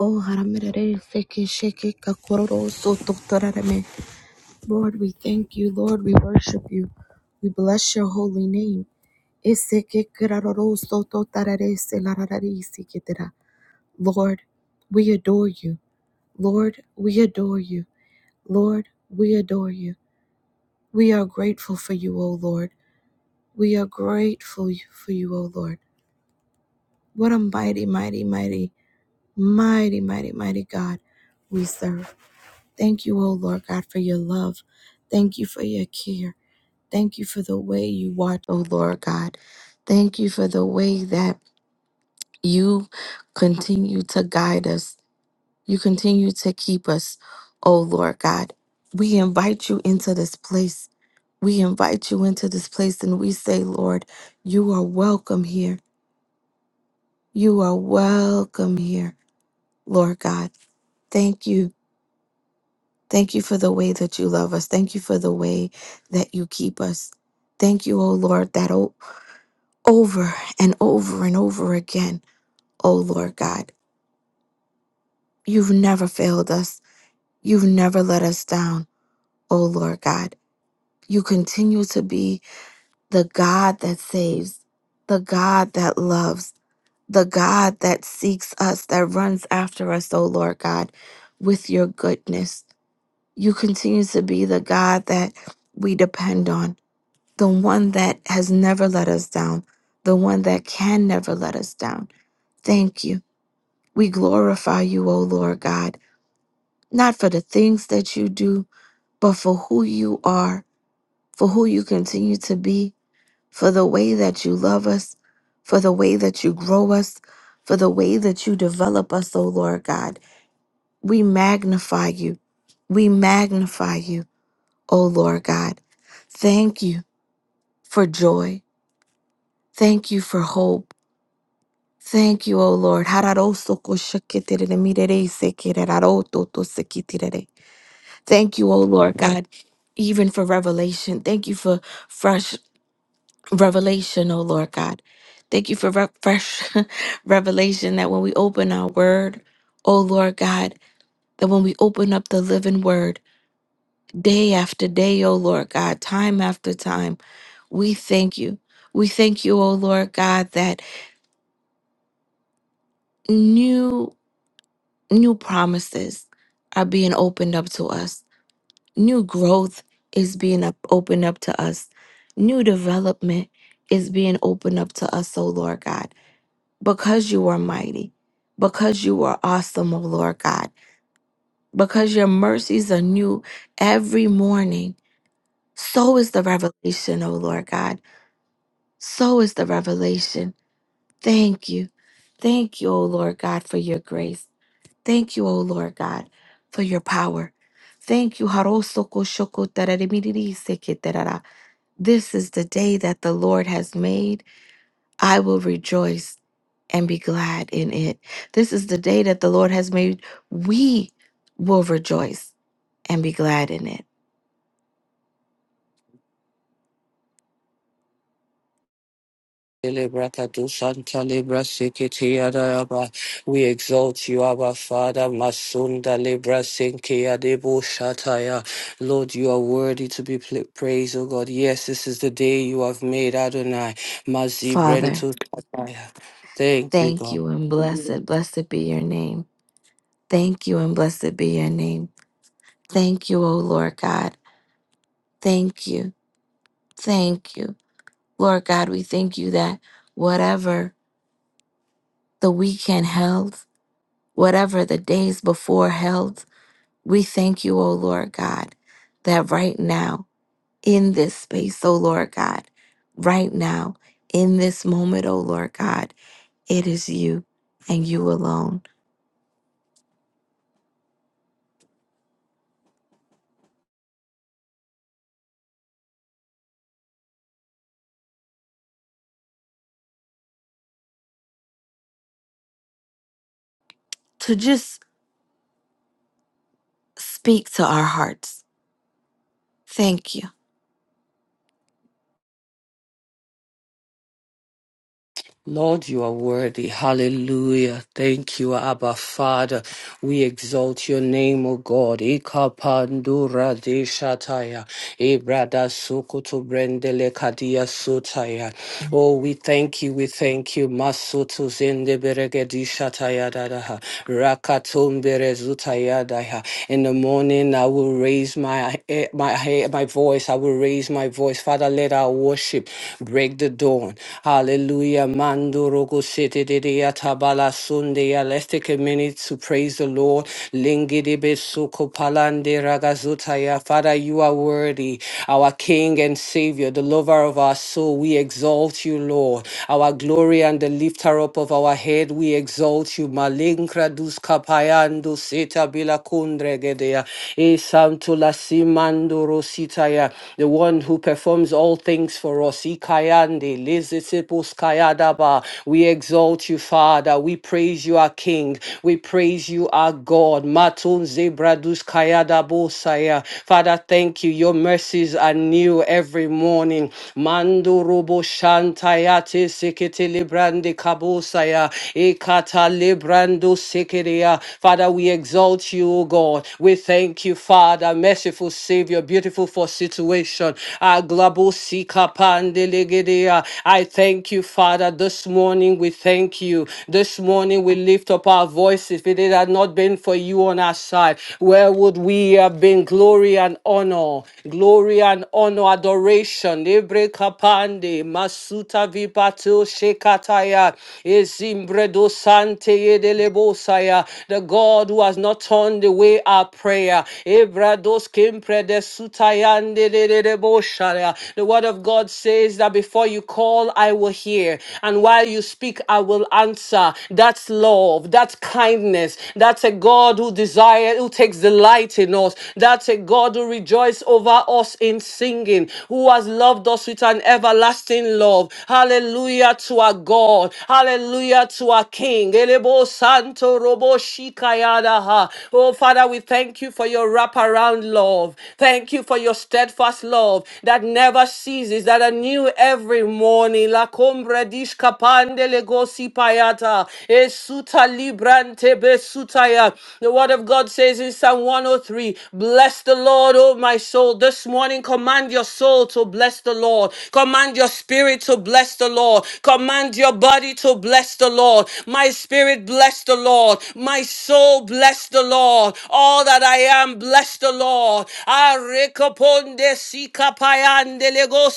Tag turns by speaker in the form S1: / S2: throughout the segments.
S1: Oh, haramirere, feke, sheke, kakororo, soto, tararame. Lord, we thank you. Lord, we worship you. We bless your holy name. Eseke, kararoro, soto, tarare, selararari, ketera. Lord, we adore you. Lord, we adore you. Lord, we adore you. We are grateful for you, O Lord. We are grateful for you, O Lord. What a mighty, mighty, mighty, mighty, mighty, mighty God we serve. Thank you, O Lord God, for your love. Thank you for your care. Thank you for the way you watch, O Lord God. Thank you for the way that you continue to guide us. You continue to keep us, O Lord God. We invite you into this place. We invite you into this place and we say, Lord, you are welcome here. You are welcome here, Lord God. Thank you. Thank you for the way that you love us. Thank you for the way that you keep us. Thank you, O Lord, that o- over and over and over again, O Lord God, you've never failed us. You've never let us down, O Lord God. You continue to be the God that saves, the God that loves, the God that seeks us, that runs after us, O Lord God, with your goodness. You continue to be the God that we depend on. the one that has never let us down, the one that can never let us down. Thank you. We glorify you, O Lord God, not for the things that you do, but for who you are, for who you continue to be, for the way that you love us, for the way that you grow us, for the way that you develop us, O Lord God. We magnify you. We magnify you, O Lord God. Thank you for joy. Thank you for hope. Thank you, O Lord. Thank you, O Lord God, even for revelation. Thank you for fresh revelation, O Lord God. Thank you for re- fresh revelation that when we open our word, O Lord God, that when we open up the living word day after day, O Lord God, time after time, we thank you. We thank you, O Lord God, that new. New promises are being opened up to us. New growth is being up, opened up to us. New development is being opened up to us, O Lord God, because you are mighty, because you are awesome, O Lord God, because your mercies are new every morning. So is the revelation, O Lord God. So is the revelation. Thank you. Thank you, O Lord God, for your grace. Thank you, O Lord God, for your power. Thank you. Harosoko shoko tararimiri seke tarara. This is the day that the Lord has made. I will rejoice and be glad in it. This is the day that the Lord has made. We will rejoice and be glad in it.
S2: Elebrakadusanta Libra Sikiti Adayaba. We exalt you, our Father, Masunda Libra Sinki Adebo Shataya. Lord, you are worthy to be pla- praised, O God. Yes, this is the day you have made, Adonai. Mazi
S1: Father,
S2: Brentu Shataya. Thank you,
S1: thank
S2: God.
S1: you and blessed, blessed be your name. Thank you and blessed be your name. Thank you, O Lord God. Thank you. Thank you. Lord God, we thank you that whatever the weekend held, whatever the days before held, We thank you, O Lord God, that right now in this space, O Lord God, right now in this moment, O Lord God, it is you and you alone to just speak to our hearts. Thank you.
S2: Lord, you are worthy. Hallelujah. Thank you, Abba Father. We exalt your name, O God. Ikapandura de shataya. Ibrada sukutu brendele kadia sutaya. Oh, we thank you, we thank you. Masutu zinde beregedisha tayadadaha. Rakatum berezutayadaha. In the morning, I will raise my eh, my he- my voice. I will raise my voice. Father, let our worship break the dawn. Hallelujah. Mandorogo sete de tabala sundeya. Let's take a minute to praise the Lord. Lingidi besuko palande ragazutaya. Father, you are worthy our King and Savior, the lover of our soul. We exalt you, Lord. Our glory and the lifter up of our head, we exalt you. Malinkra dus kapayando seta bila kundregedea. E santo la simando rositaya. The one who performs all things for us. Ikayande lezesepos kayadaba. We exalt you, Father. We praise you, our King. We praise you, our God. Matun zebra Kayadabosaya. Father, thank you. Your mercies are new every morning. Mando robo shantayate sekete librande kabosaya. Ekata librando sekerea. Father, we exalt you, O God. We thank you, Father, merciful Savior, beautiful for situation. Aglabo sikapandelegedea. I thank you, Father. This morning we thank you. This morning we lift up up our voices. If it had not been for you on our side, where would we have been? Glory and honor, glory and honor, adoration. Ebre kapande, masuta vipato shekataya, ezimbredo sante yedelebosaya. The God who has not turned away our prayer. Ebrados kimprede sutayande dedeboshaya. The word of God says that before you call, I will hear. And while you speak, I will answer. That's love. That's kindness. That's a God who desires, who takes delight in us. That's a God who rejoices over us in singing, who has loved us with an everlasting love. Hallelujah to our God. Hallelujah to our King. Elebo Santo Robo Shikayadaha. Oh, Father, we thank you for your wraparound love. Thank you for your steadfast love that never our seasons that are new every morning. La combra dishka pande legosi payata. Esuta librante besutaya. The word of God says in Psalm 103, Bless the Lord, O my soul. This morning, command your soul to bless the Lord. Command your spirit to bless the Lord. Command your body to bless the Lord. My spirit, bless the Lord. My soul, bless the Lord. All that I am, bless the Lord all. Arekoponde sikapayande lego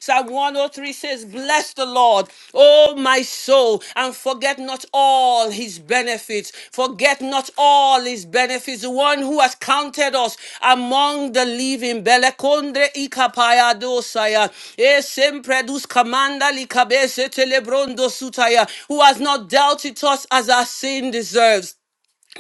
S2: Psalm 103 says, Bless the Lord, O my soul, and forget not all his benefits. Forget not all his benefits. The one who has counted us among the living. Belekondre ikapaya dosaya. E sempre dus kamanda likabese telebrondo sutaya. Who has not dealt it us as our sin deserves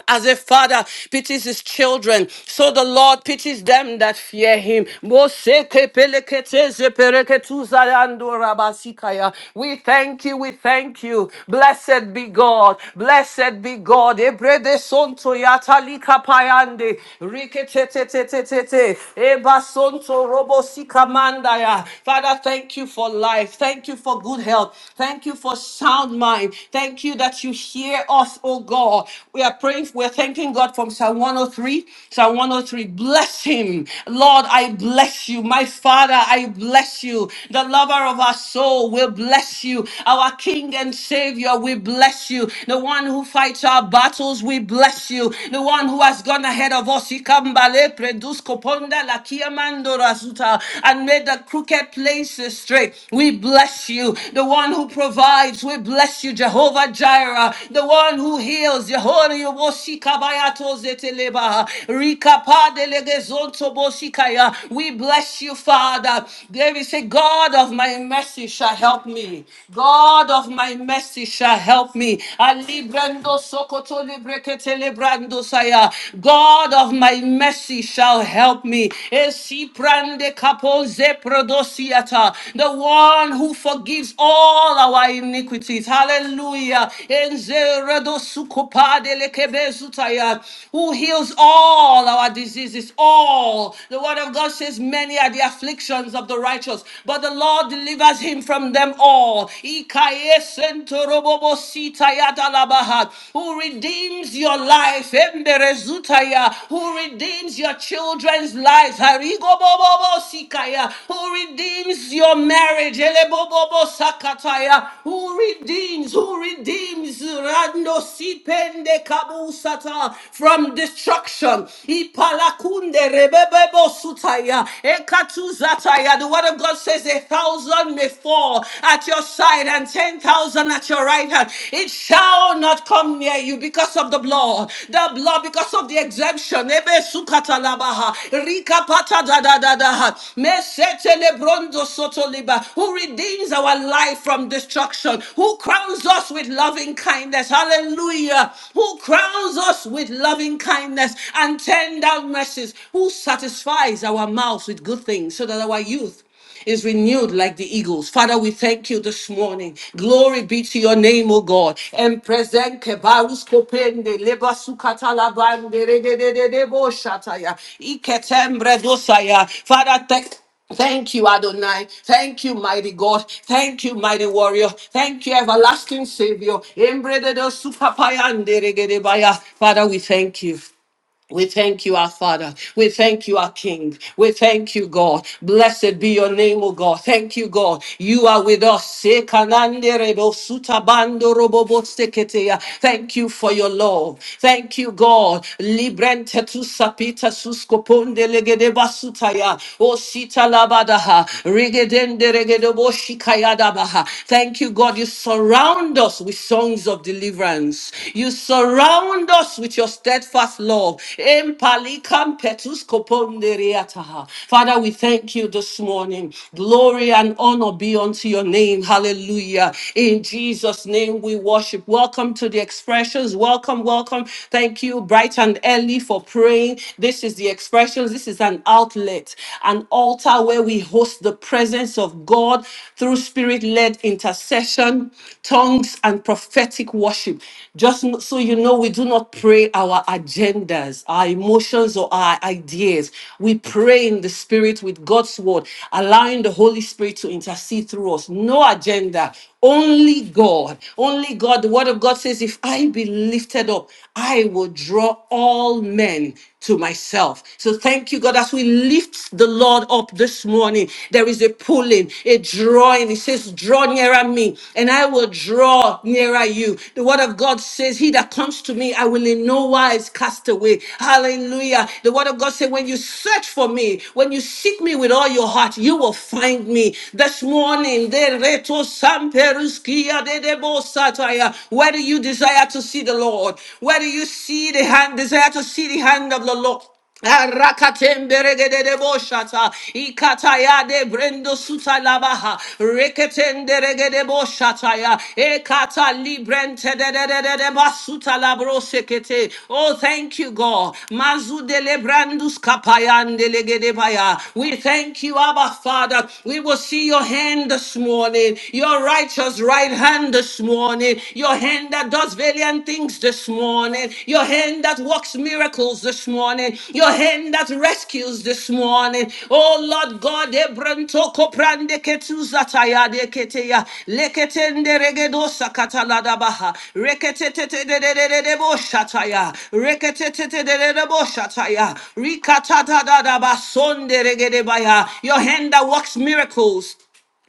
S2: as a father pities his children, so the Lord pities them that fear him. Moseke peleketeze pereketuza yando rabasikaya. We thank you, we thank you. Blessed be God, blessed be God. Ebrede sonto yatalika payande, riketetetetetete, eba sonto robosi kamandaya. Father, thank you for life, thank you for good health, thank you for sound mind. Thank you that you hear us, oh God. We are praying, we're thanking God from Psalm 103. Psalm 103, bless him. Lord, I bless you. My Father, I bless you. The lover of our soul will bless you. Our King and Savior, we bless you. The one who fights our battles, we bless you. The one who has gone ahead of us, he come bale, produce, coponda, la kia mandora, suta, and made the crooked places straight. We bless you. The one who provides, we bless you, Jehovah Jireh. The one who heals, Jehovah Yoboshikabayato Zeteleba. Rikapadelegezonto Boshikaya. We bless you, Father. David said, God of my mercy shall help me. God of my mercy shall help me. Ali Brando Sokoto Librekete Lebrando Saya. God of my mercy mercy shall help me. Esi prande kapoze prodosiata. The one who forgives all our iniquities. Hallelujah. Enze redosukopade lekebezutaya. Who heals all our diseases. All. The word of God says, Many are the afflictions of the righteous, but the Lord delivers him from them all. Ikaye sentorobobo sitaya dalabaha who redeems your life, Emberezutaya, who redeems your children's lives, Harigobobobosikaya, who redeems your marriage, Elebobobosakataya, who redeems, who redeems Rando Sipende Kabusata from destruction, Ipalakunde Rebebebosutaya, Ekatuzataya. The word of God says a thousand may fall at your at your side and 10,000 at your right hand. It shall not come near you because of the blood. The blood because of the exemption. Ebe sukata labaha. Rika pata da da da da. ha. Mesete lebrondo soto liba. Who redeems our life from destruction. Who crowns us with loving kindness. Hallelujah. Who crowns us with loving kindness and tender mercies. Who satisfies our mouths with good things so that our youth is renewed like the eagles. Father, we thank you this morning. Glory be to your name, O God. And present kebarus kopende leba sukata labande re de de de de bo shataya. Iketembre dosaya. Father, thank Thank you, Adonai. Thank you, mighty God. Thank you, mighty warrior. Thank you, everlasting Savior. Embre de do supapaya nderegedebaya. Father, we thank you. We thank you, our Father. We thank you, our King. We thank you, God. Blessed be your name, O God. Thank you, God. You are with us. Sekanande rebo sutabando robobo seketeya. Thank you for your love. Thank you, God. Librente tu sapita suskoponde legede basutaya. O sita labadaha. Rigedende regedobo shikayadabaha. Thank you, God. You surround us with songs of deliverance deliverance. You surround us with your steadfast love. Empalikam petus koponderiataha. Father, we thank you this morning. Glory and honor be unto your name. Hallelujah. In Jesus' name we worship. Welcome to the expressions. Welcome, welcome. Thank you, bright and early, for praying. This is the expressions. This is an outlet, an altar where we host the presence of God through strong spirit led intercession, tongues, and prophetic worship. Just n- so you know, we do not pray our agendas, our emotions, or our ideas. We pray in the spirit with God's word, allowing the Holy Spirit to intercede through us. No agenda. Only God, only God. The word of God says, If I be lifted up, I will draw all men to myself. So thank you, God, as we lift the Lord up this morning, there is a pulling, a drawing. It says, Draw nearer me, and I will draw nearer you. The word of God says, He that comes to me, I will in no wise cast away. Hallelujah. The word of God says, When you search for me, when you seek me with all your heart, you will find me. This morning, Leto samperuskia dedebo sataya. Where do you desire to see the Lord? Where do you see the hand? Desire to see the hand of the Lord. Arakatemberegedeboshata, ikatayade brendo sutalabaha, reketenderegedeboshataya, ekata librentededededebasutalabroseke. Oh, thank you, God. Mazudelebrandus kapayandelegedepa. We thank you, Abba Father. We will see your hand this morning, your righteous right hand this morning, your hand that does valiant things this morning, your hand that works miracles this morning, your hand that rescues this morning. Oh Lord God, Ebranto koprande ketuza taya de keteya, leketende regedo sakatala dabaha, reketete de de de de de bo shataya, reketete de de de bo shataya, rikatata da da basonde regede baya, your hand that works miracles.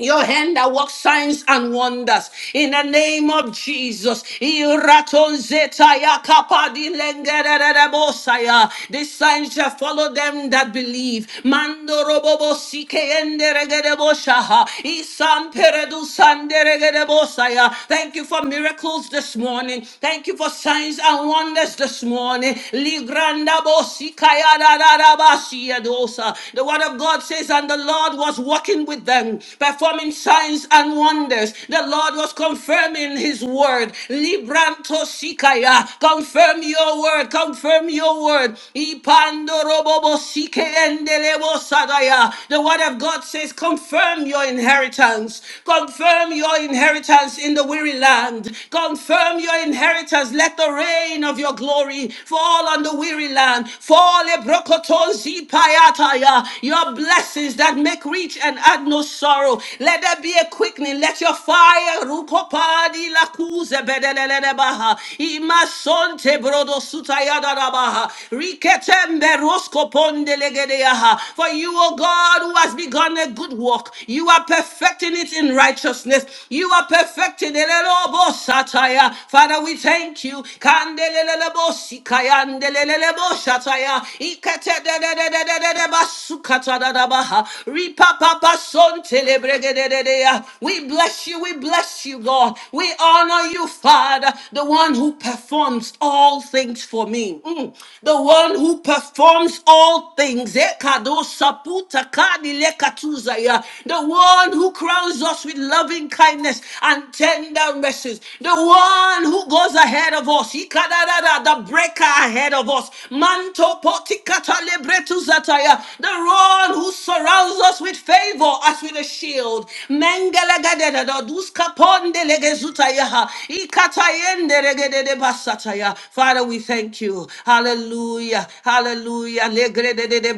S2: Your hand that works signs and wonders in the name of Jesus. Iraton zetaya kapadi lengerereremosaya. These signs shall follow them that believe. Mando robobo sike enderegereboshaha. Isan peredu sanderegerebosaya. Thank you for miracles this morning. Thank you for signs and wonders this morning. Ligranda bosikaya da da da basia dosa. Uh, The word of God says, and the Lord was walking with them, performing signs and wonders. The Lord was confirming his word. Libranto sikaya, confirm your word, confirm your word. Ipando robobo sike endelebo sadaya. The word of God says, confirm your inheritance. Confirm your inheritance in the weary land. Confirm your inheritance. Let the reign of your glory fall fall on the weary land. Fall ebrokoto zipayataya. Your blessings that make rich and add no sorrow. Let there be a quickening. Let your fire rukopadi lakuze bedelebaha. Imasonte brodo sutayadarabaha. Riketembe roskopondelegediaha. For you, O God, who has begun a good work, you are perfecting it in righteousness. You are perfecting it. Elobo Sataya. Father, we thank you. Kandelelelebosi kayandeleleleboshataya. Ikatededededededebasukatadadabaha. Ripapapasontelebregedededeya. We bless you. We bless you, God. We honor you, Father, the one who performs all things for me. Mm. The one who performs all things. Ekadosaputakadilekatuzaya. The one who crowns us us with loving kindness and tender mercies. The one who goes ahead of us, Ikadadada, the breaker ahead of us, Manto potikata lebretu zataya, the one who surrounds us with favor as with a shield. Mengelegadedada, duskapondelegezutayaha, Ikatayenderegedebasataya. Father, we thank you. Hallelujah. Hallelujah.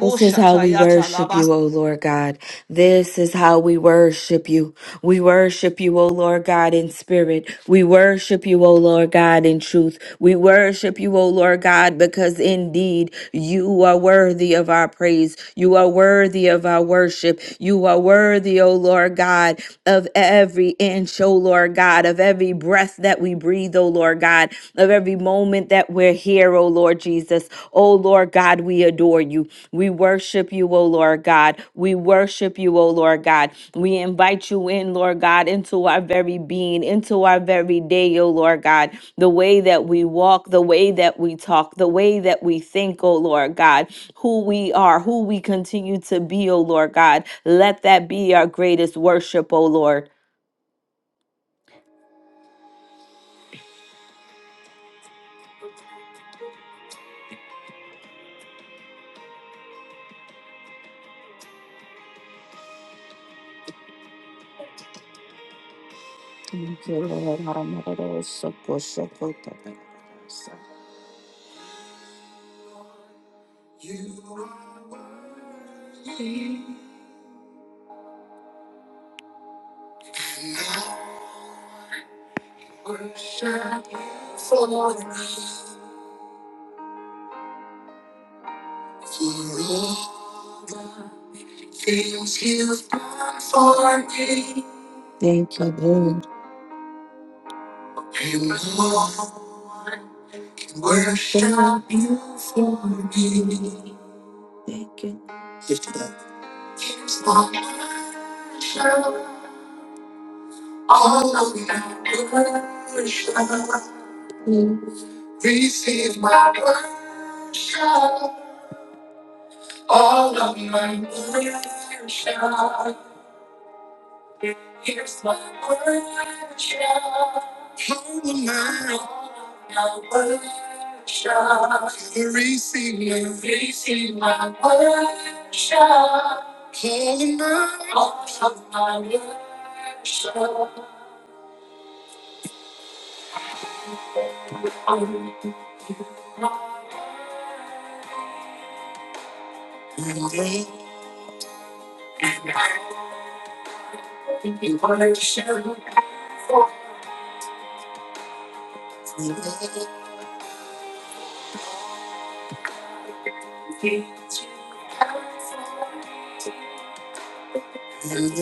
S1: This is how we worship you, O Lord God. This is how we worship you. We worship you, O Lord God, in spirit. We worship you, O Lord God, in truth. We worship you, O Lord God, because indeed you are worthy of our praise. You are worthy of our worship. You are worthy, O Lord God, of every inch, O Lord God, of every breath that we breathe, O Lord God of every moment that we're here, O Lord Jesus. O Lord God, we adore you. We worship you, O Lord God. We worship you, O Lord God. We invite you in, Lord God, into our very being, into our very day, O Lord God. The way that we walk, the way that we talk, the way that we think, O Lord God, who we are, who we continue to be, O Lord God. Let that be our greatest worship, O Lord. You are worthy. Worship you for me, for all things you've done for me. And no one can worship you for me. Here's my worship, all of my worship. Receive my worship, all of my worship. Here's my worship. Hold am I? My worship. You receive me. receive my worship. Hold am I? All of my worship. All of my worship. And I worship for me. Thank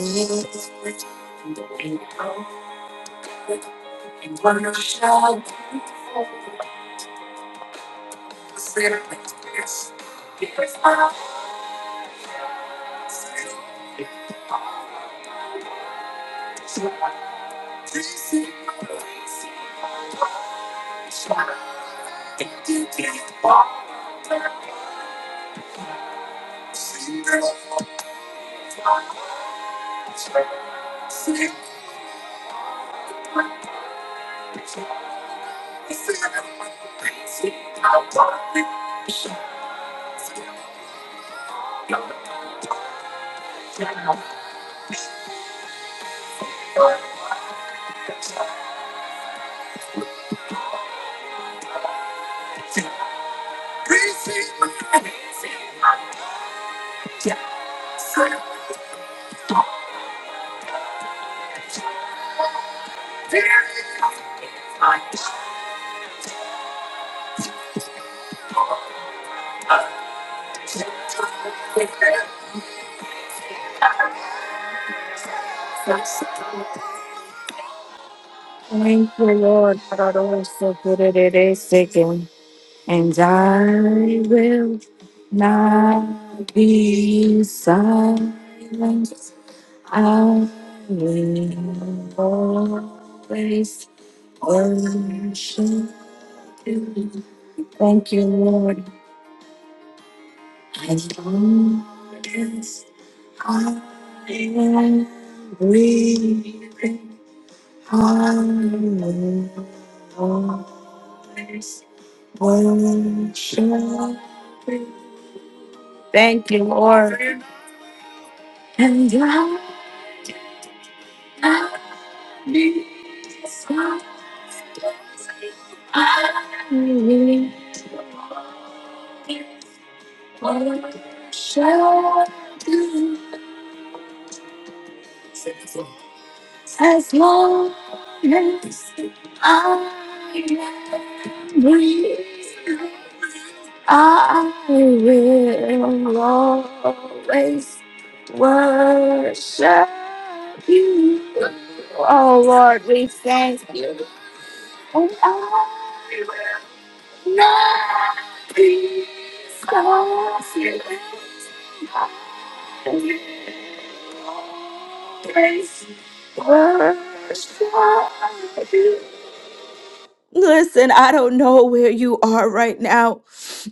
S1: you. Thank you, Lord. that I don't so good at it is sinking. And I will not be silent. I will always worship you. Thank you, Lord. I don't guess I am breathing harder. Always worship Word. and I'm happy. Sometimes I really want to worship you. As long as I am breathing, I will always worship you. Oh Lord, we thank you. Oh, we thank you. We always worship you. Listen, I don't know where you are right now.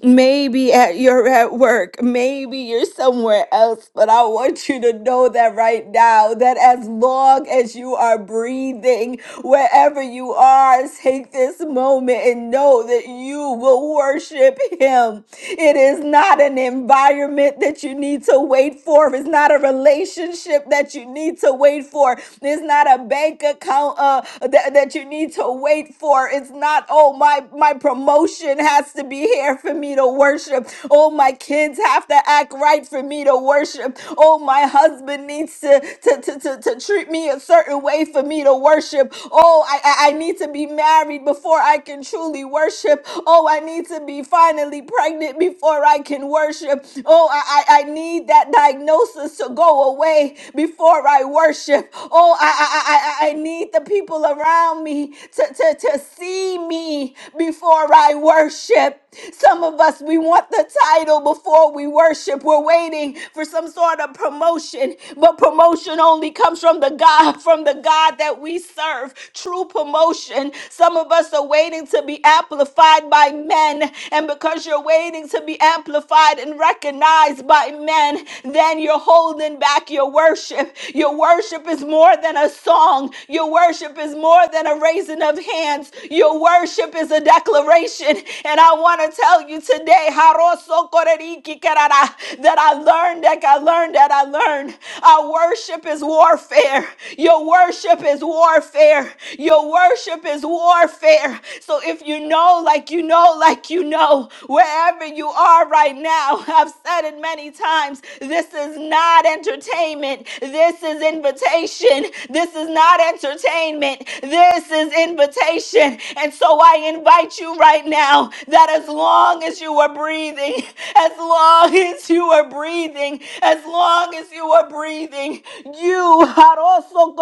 S1: Maybe at, you're at work. Maybe you're somewhere else. But I want you to know that right now, that as long as you are breathing, wherever you are, take this moment and know that you will worship Him. It is not an environment that you need to wait for, it's not a relationship that you need to wait for, it's not a bank account account uh, that, that you need to wait for. It's not, oh, my, my promotion has to be here for me to worship. Oh, my kids have to act right for me to worship. Oh, my husband needs to, to, to, to, to treat me a certain way for me to worship. Oh, I, I I need to be married before I can truly worship. Oh, I need to be finally pregnant before I can worship. Oh, I, I, I need that diagnosis to go away before I worship. Oh, I I I, I I need the people around me to, to, to see me before I worship. Some of us we want the title before we worship. We're waiting for some sort of promotion, but promotion only comes from the God, from the God that we serve. True promotion. Some of us are waiting to be amplified by men, and because you're waiting to be amplified and recognized by by men, then you're holding back your worship. Your worship is more than a song, your worship is more than a raising of hands. Your worship is a declaration. And I want to tell you today Haroso koreriki Karara, that I learned, that I learned, that I learned. Our worship is warfare. Your worship is warfare. Your worship is warfare. So if you know, like you know, like you know, wherever you are right now. I've said it many times. This is not entertainment. This is invitation. This is not entertainment. This is invitation. And so I invite you right now that as long as you are breathing, as long as you are breathing, as long as you are breathing, you are also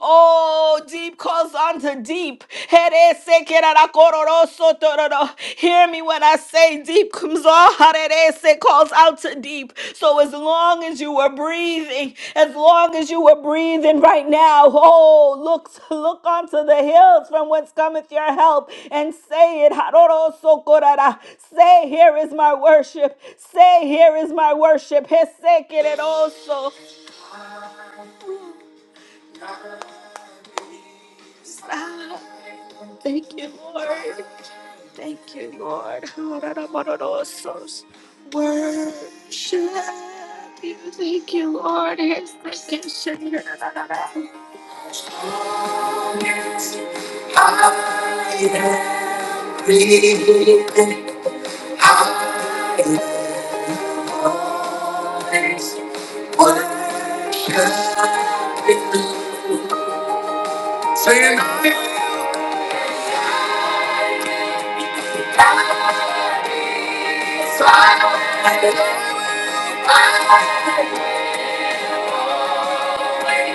S1: Oh, deep calls unto deep. Heresekerarakororosotororo. Hear me when I say deep comes on. Harerese calls out to deep. So as long as you are breathing, as long as you are breathing right now, oh, look, look unto the hills from whence cometh your help and say it. Harorosokorara. Say, here is my worship. Say, here is my worship. Hesekereroso. Thank you, Lord. Thank you, Lord. Worship you. Thank you, Lord. I'm I am breathing. Always worship. you. Sing I Thank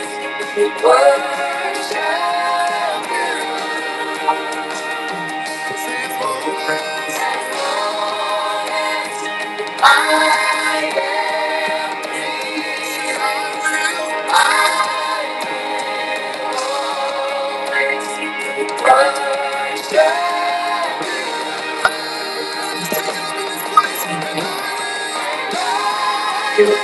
S1: you.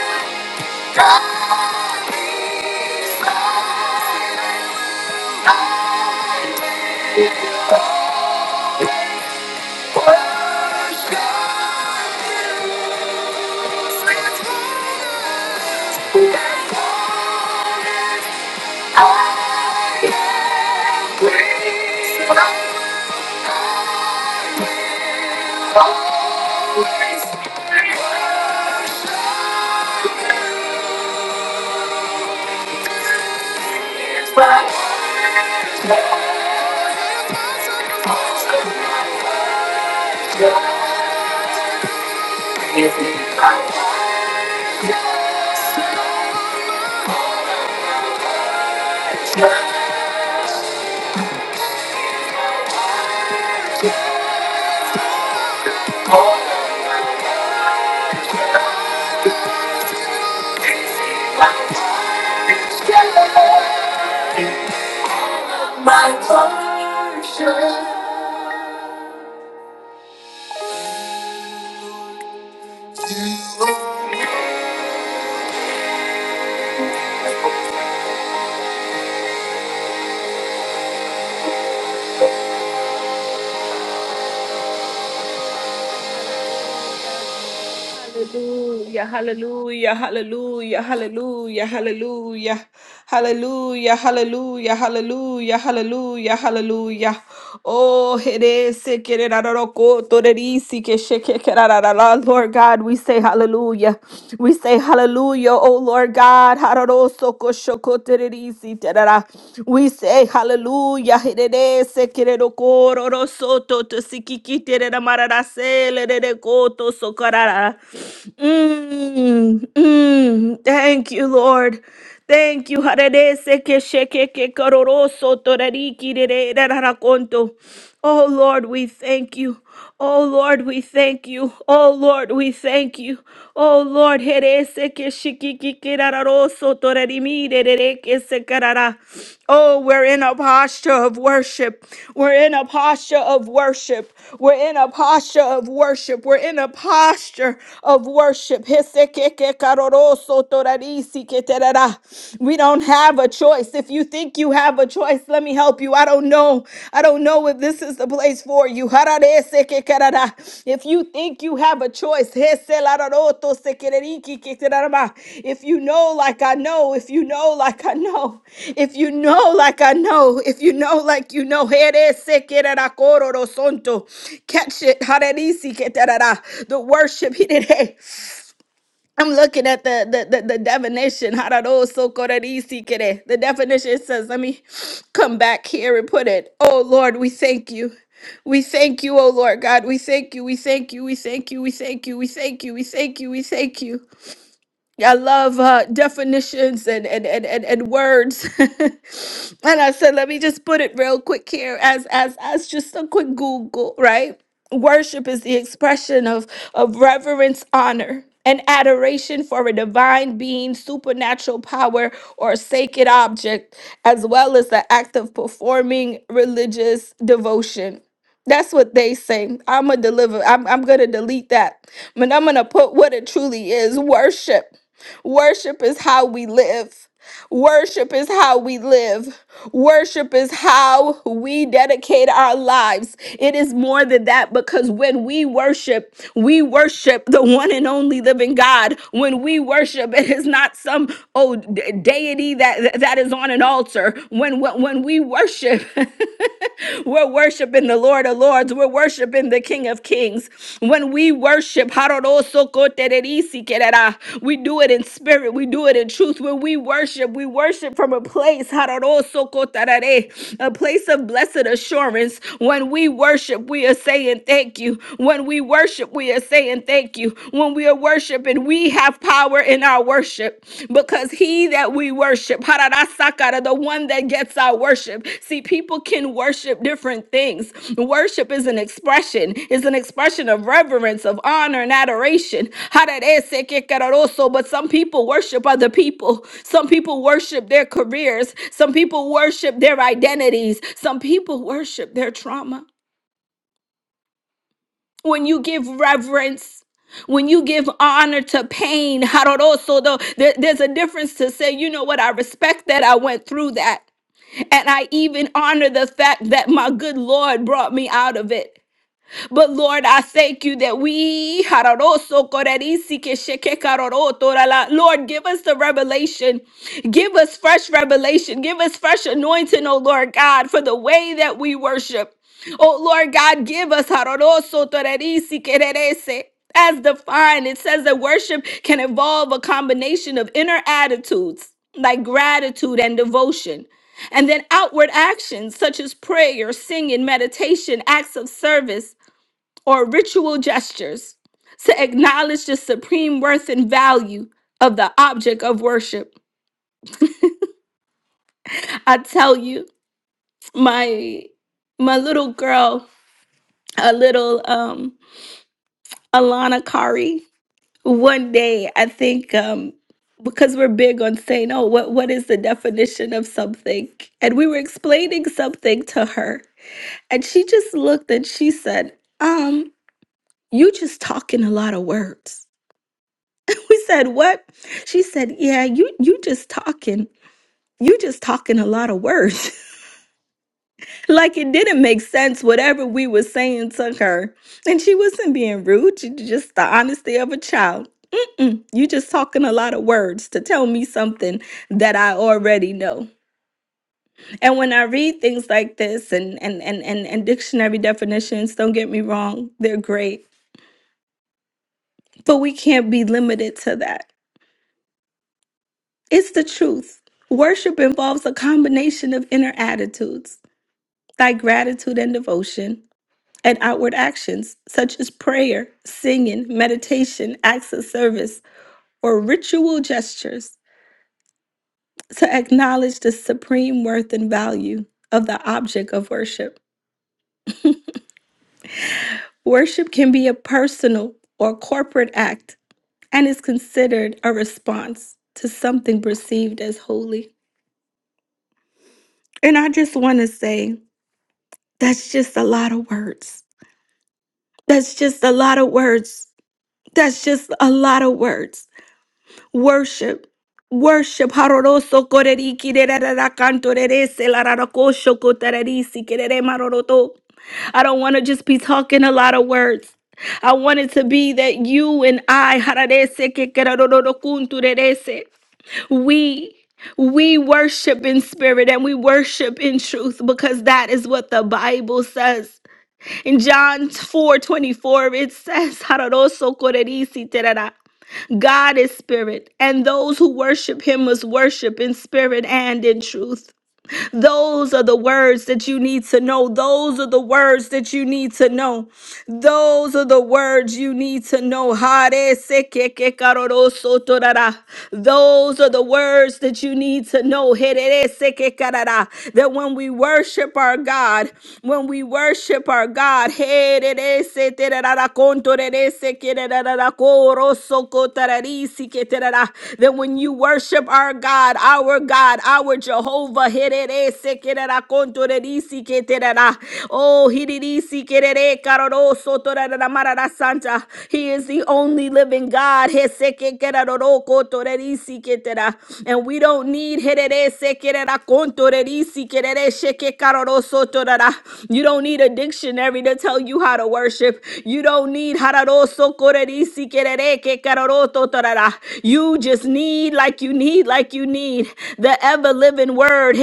S1: Bye. My portion. Hallelujah, hallelujah, hallelujah, hallelujah, hallelujah, hallelujah, hallelujah, hallelujah, hallelujah, hallelujah. Oh, herese kererararoko, torerisi que shekekerararara. Lord God, we say hallelujah. We say hallelujah, oh Lord God. Hararoso koshoko tererisi terara. We say hallelujah. Hallelujah. Herere se kerero koro ro soto to sikiki terera marara se lerere koto sokarara. Mm, mm. Thank you, Lord. Thank you. Harere se ke sheke ke kororo soto rariki rere rarara konto. Oh Lord, we thank you. Oh Lord, we thank you. Oh Lord, we thank you. Oh Lord, herese que shikikikirararoso torerimiderere que se carara. Oh, we're in a posture of worship. We're in a posture of worship. We're in a posture of worship. We're in a posture of worship. Hese que que caroroso torarisi que terara. We don't have a choice. If you you think you have a choice, let me help you. I don't know. I don't know if this is the place for you. If you think you have a choice, if you know like I know, if you know like I know, if you know like I know, if you know like you know, catch it. The worship, I'm looking at the the the, the definition. Hararosokorisikere. The definition says, let me come back here and put it. Oh Lord, we thank you. We thank you, oh Lord God. We thank you. We thank you. We thank you. We thank you. We thank you. We thank you. We thank you. I love uh, definitions and, and, and, and, and words. and I said, let me just put it real quick here as, as, as just a quick Google, right? Worship is the expression of, of reverence, honor, and adoration for a divine being, supernatural power, or sacred object, as well as the act of performing religious devotion. That's what they say. I'm gonna deliver. I'm, I'm gonna delete that, but I'm gonna put what it truly is: worship. Worship is how we live. Worship is how we live. Worship is how we dedicate our lives. It is more than that because when we worship, we worship the one and only living God. When we worship, it is not some oh d- deity that that is on an altar. When when when we worship, we're worshiping the Lord of Lords. We're worshiping the King of Kings. When we worship, we do it in spirit, we do it in truth. When we worship, we worship from a place, a place of blessed assurance. When we worship, we are saying thank you. When we worship, we are saying thank you. When we are worshiping, we have power in our worship because he that that we worship. Hararasakara, The one that gets our worship. See, people can worship different things. Worship is an expression, is an expression of reverence, of honor, and adoration. Hararesekekararoso, But some people worship other people. Some people worship their careers. Some people worship their identities. Some people worship their trauma when you give reverence when you give honor to pain haroroso though there- there's a difference to say you know what i respect that i went through that and i even honor the fact that my good lord brought me out of it but Lord, I thank you that we, Hararoso korerisi ke shekekaroro torala. Lord, give us the revelation. Give us fresh revelation. Give us fresh anointing, oh Lord God, for the way that we worship. Oh Lord God, give us Hararoso torerisi kererese. as defined. It says that worship can involve a combination of inner attitudes like gratitude and devotion. And then outward actions such as prayer, singing, meditation, acts of service, or ritual gestures to acknowledge the supreme worth and value of the object of worship. I tell you, my my little girl, a little um Alana Kari, one day I think um because we're big on saying, oh, what, what is the definition of something? And we were explaining something to her. And she just looked and she said, um, you just talking a lot of words. We said, "What?" She said, "Yeah, you you just talking. You just talking a lot of words. like it didn't make sense whatever we were saying to her. And she wasn't being rude. She just the honesty of a child. "Mm, you just talking a lot of words to tell me something that I already know. And when I read things like this and and and and, and dictionary definitions, don't get me wrong, they're great. But we can't be limited to that It's the truth. Worship involves a combination of inner attitudes, like gratitude and devotion, and outward actions such as prayer, singing, meditation, acts of service, or ritual gestures to acknowledge the supreme worth and value of the object of worship. Worship can be a personal or corporate act and is considered a response to something perceived as holy. And I just want to say that's just a lot of words That's just a lot of words. That's just a lot of words. Worship. Worship. Haroroso koreriki dererera kanto rerese lararako shoko tararisi kerere maroroto. I don't want to just be talking a lot of words. I want it to be that you and I, hararese kekerororo kuntu rerese. we we worship in spirit and we worship in truth because that is what the Bible says. In John 4:24, it says, "Hararoso korerisi terara." God is spirit, and those who worship him must worship in spirit and in truth. Those are the words that you need to know. Those are the words that you need to know. Those are the words you need to know. Hare se ke ke karoro soto rara. Those are the words that you need to know. Here se ke karara. That when we worship our God, when we worship our God, here se te rara konto rere se ke rara koro soko tarari si ke te rara. that when you worship our God, our God, our our Jehovah. Herere sekerera kontorerisi keterera. Oh, hiririsi kerere karoro sotorerera marara santa. He is the only living God. Hesekekerero kotorerisi ketera. And we don't need herere sekerera kontorerisi kerere shekekaroro sotorera. you don't need a dictionary to tell you how to worship. You don't need hararo so you just need like you need, like you need the ever living word.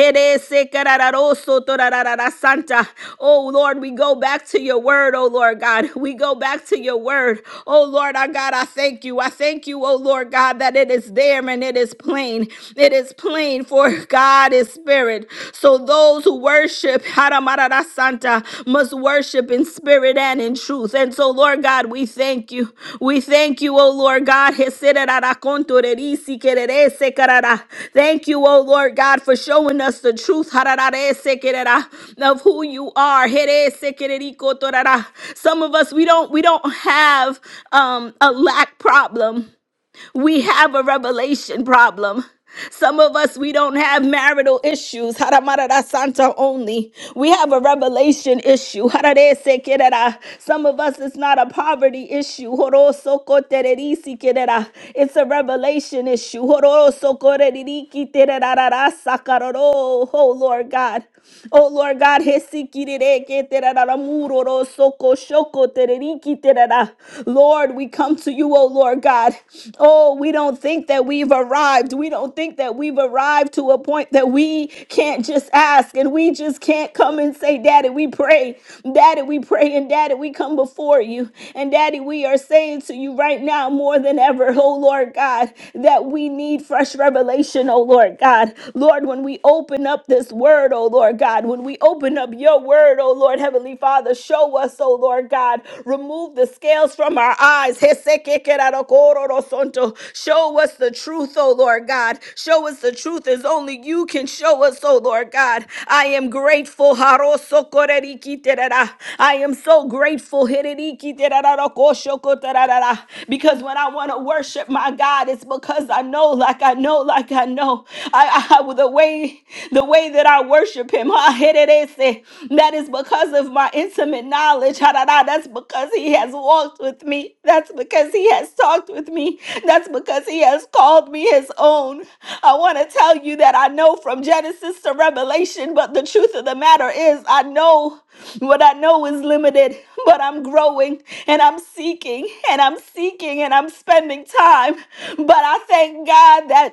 S1: Oh Lord, we go back to your word, oh Lord God. We go back to your word. Oh Lord, our God, I thank you. I thank you, oh Lord God, that it is there and it is plain. It is plain for God is spirit. So those those who worship Haramarara Santa must worship in spirit and in truth. And so, Lord God, we thank you. We thank you, O Lord God. Jeserara contorerisi quererese carara. Thank you, O Lord God, for showing us the truth harararese querera, of who you are. Jerese quererico torara. Some of us we don't we don't have um, a lack problem. We have a revelation problem. Some of us, we don't have marital issues. Haramarada Santa only. We have a revelation issue. Harare sekerera. Some of us, it's not a poverty issue. Horosokotererisikerera. It's a revelation issue. Horosokore- Korerikiterarararasakaroro. Oh Lord God. Oh Lord God, hesikirere keterara muroro soko shoko tereriki terara. Lord, we come to you, oh Lord God. Oh, we don't think that we've arrived. We don't think that we've arrived to a point that we can't just ask and we just can't come and say, Daddy, we pray. Daddy, we pray. And Daddy, we come before you. And Daddy, we are saying to you right now more than ever, oh Lord God, that we need fresh revelation, oh Lord God. Lord, when we open open up this word, oh Lord God, when we open up your word, oh Lord Heavenly Father, show us, oh Lord God, remove the scales from our eyes. Show us the truth, oh Lord God. Show us the truth as only you can show us, oh Lord God. I am grateful. I am so grateful because when I want to worship my God, it's because I know, like I know, like I know. I, I, the way the way that I worship him, huh? Hererese. that is because of my intimate knowledge. Harara. That's because he has walked with me. That's because he has talked with me. That's because he has called me his own. I want to tell you that I know from Genesis to Revelation, but the truth of the matter is, I know what I know is limited, but I'm growing and I'm seeking and I'm seeking and I'm spending time. But I thank God that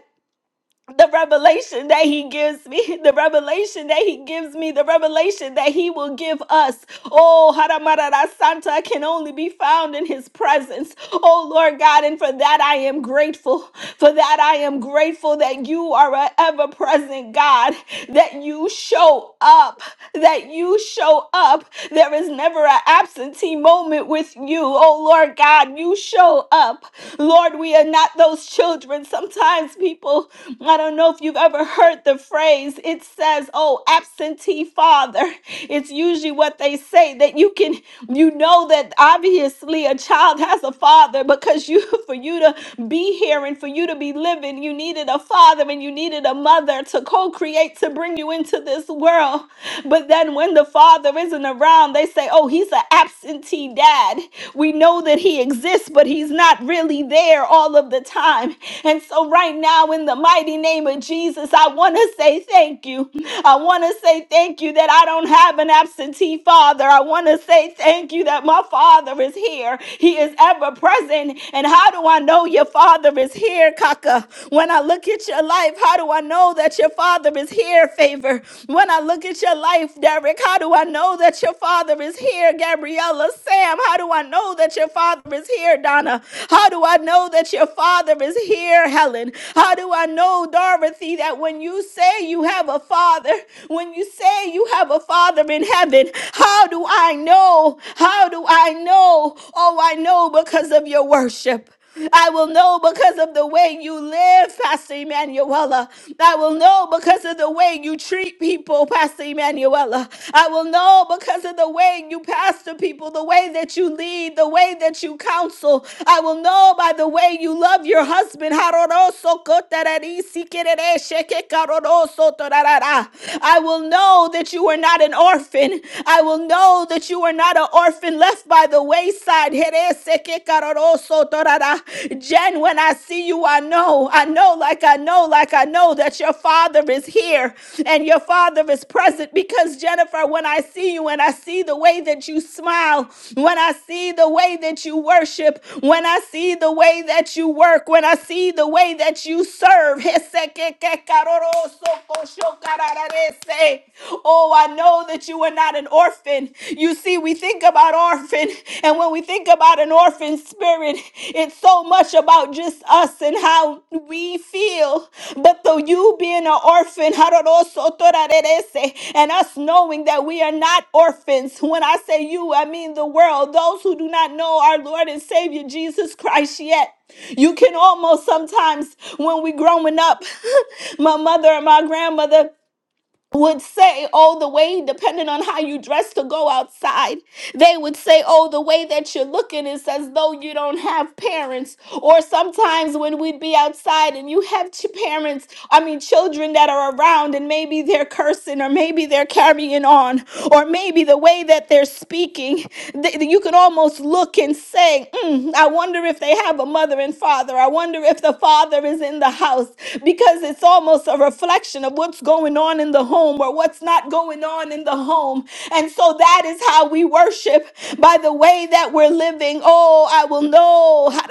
S1: the revelation that he gives me, the revelation that he gives me, the revelation that he will give us. Oh, Haramarara Santa can only be found in his presence. Oh, Lord God, and for that I am grateful. For that I am grateful that you are an ever present God, that you show up that you show up. There is never an absentee moment with you. Oh Lord God, you show up. Lord, we are not those children. Sometimes people, I don't know if you've ever heard the phrase, it says, oh, absentee father. It's usually what they say that you can, you know that obviously a child has a father because you, for you to be here and for you to be living, you needed a father and you needed a mother to co create to bring you into this world. But then when the father isn't around, they say, oh, he's an absentee dad. We know that he exists, but he's not really there all of the time. And so, right now, in the mighty name of Jesus, I want to say thank you. I want to say thank you that I don't have an absentee father. I want to say thank you that my father is here. He is ever present. And how do I know your father is here, Kaka? When I look at at your life, how do I know that your father is here, favor? When I look at your life, Derek, how do I know that your father is here, Gabriella? Sam, how do I know that your father is here, Donna? How do I know that your father is here, Helen? How do I know, Dorothy, that when you say you have a father, when you say you have a father in heaven, how do I know? How do I know? Oh, I know because of your worship. I will know because of the way you live, Pastor Emanuela. I will know because of the way you treat people, Pastor Emanuela. I will know because of the way you pastor people, the way that you lead, the way that you counsel. I will know by the way you love your husband. I will know that you are not an orphan. I will know know that you are not an orphan left by the wayside. Jen, when I see you, I know, I know, like I know, like I know that your father is here and your father is present because, Jennifer, when I see you and I see the way that you smile, when I see the way that you worship, when I see the way that you work, when I see the way that you serve, Oh, I know that you are not an orphan. You see, we think about orphan, and when we think about an orphan spirit, it's so much about just us and how we feel. But though you being an orphan, and us knowing that we are not orphans, when I say you, I mean the world, those who do not know our Lord and Savior Jesus Christ yet. You can almost sometimes, when we growing up, my mother and my grandmother, would say, oh, the way, depending on how you dress to go outside, they would say, oh, the way that you're looking is as though you don't have parents. Or sometimes when we'd be outside and you have ch- parents, I mean, children that are around and maybe they're cursing or maybe they're carrying on or maybe the way that they're speaking, th- you can almost look and say, "Mm, I wonder if they have a mother and father. I wonder if the father is in the house because it's almost a reflection of what what's going on in the home or what's not going on in the home. And so that is how we worship by the way that we're living. Oh, I will know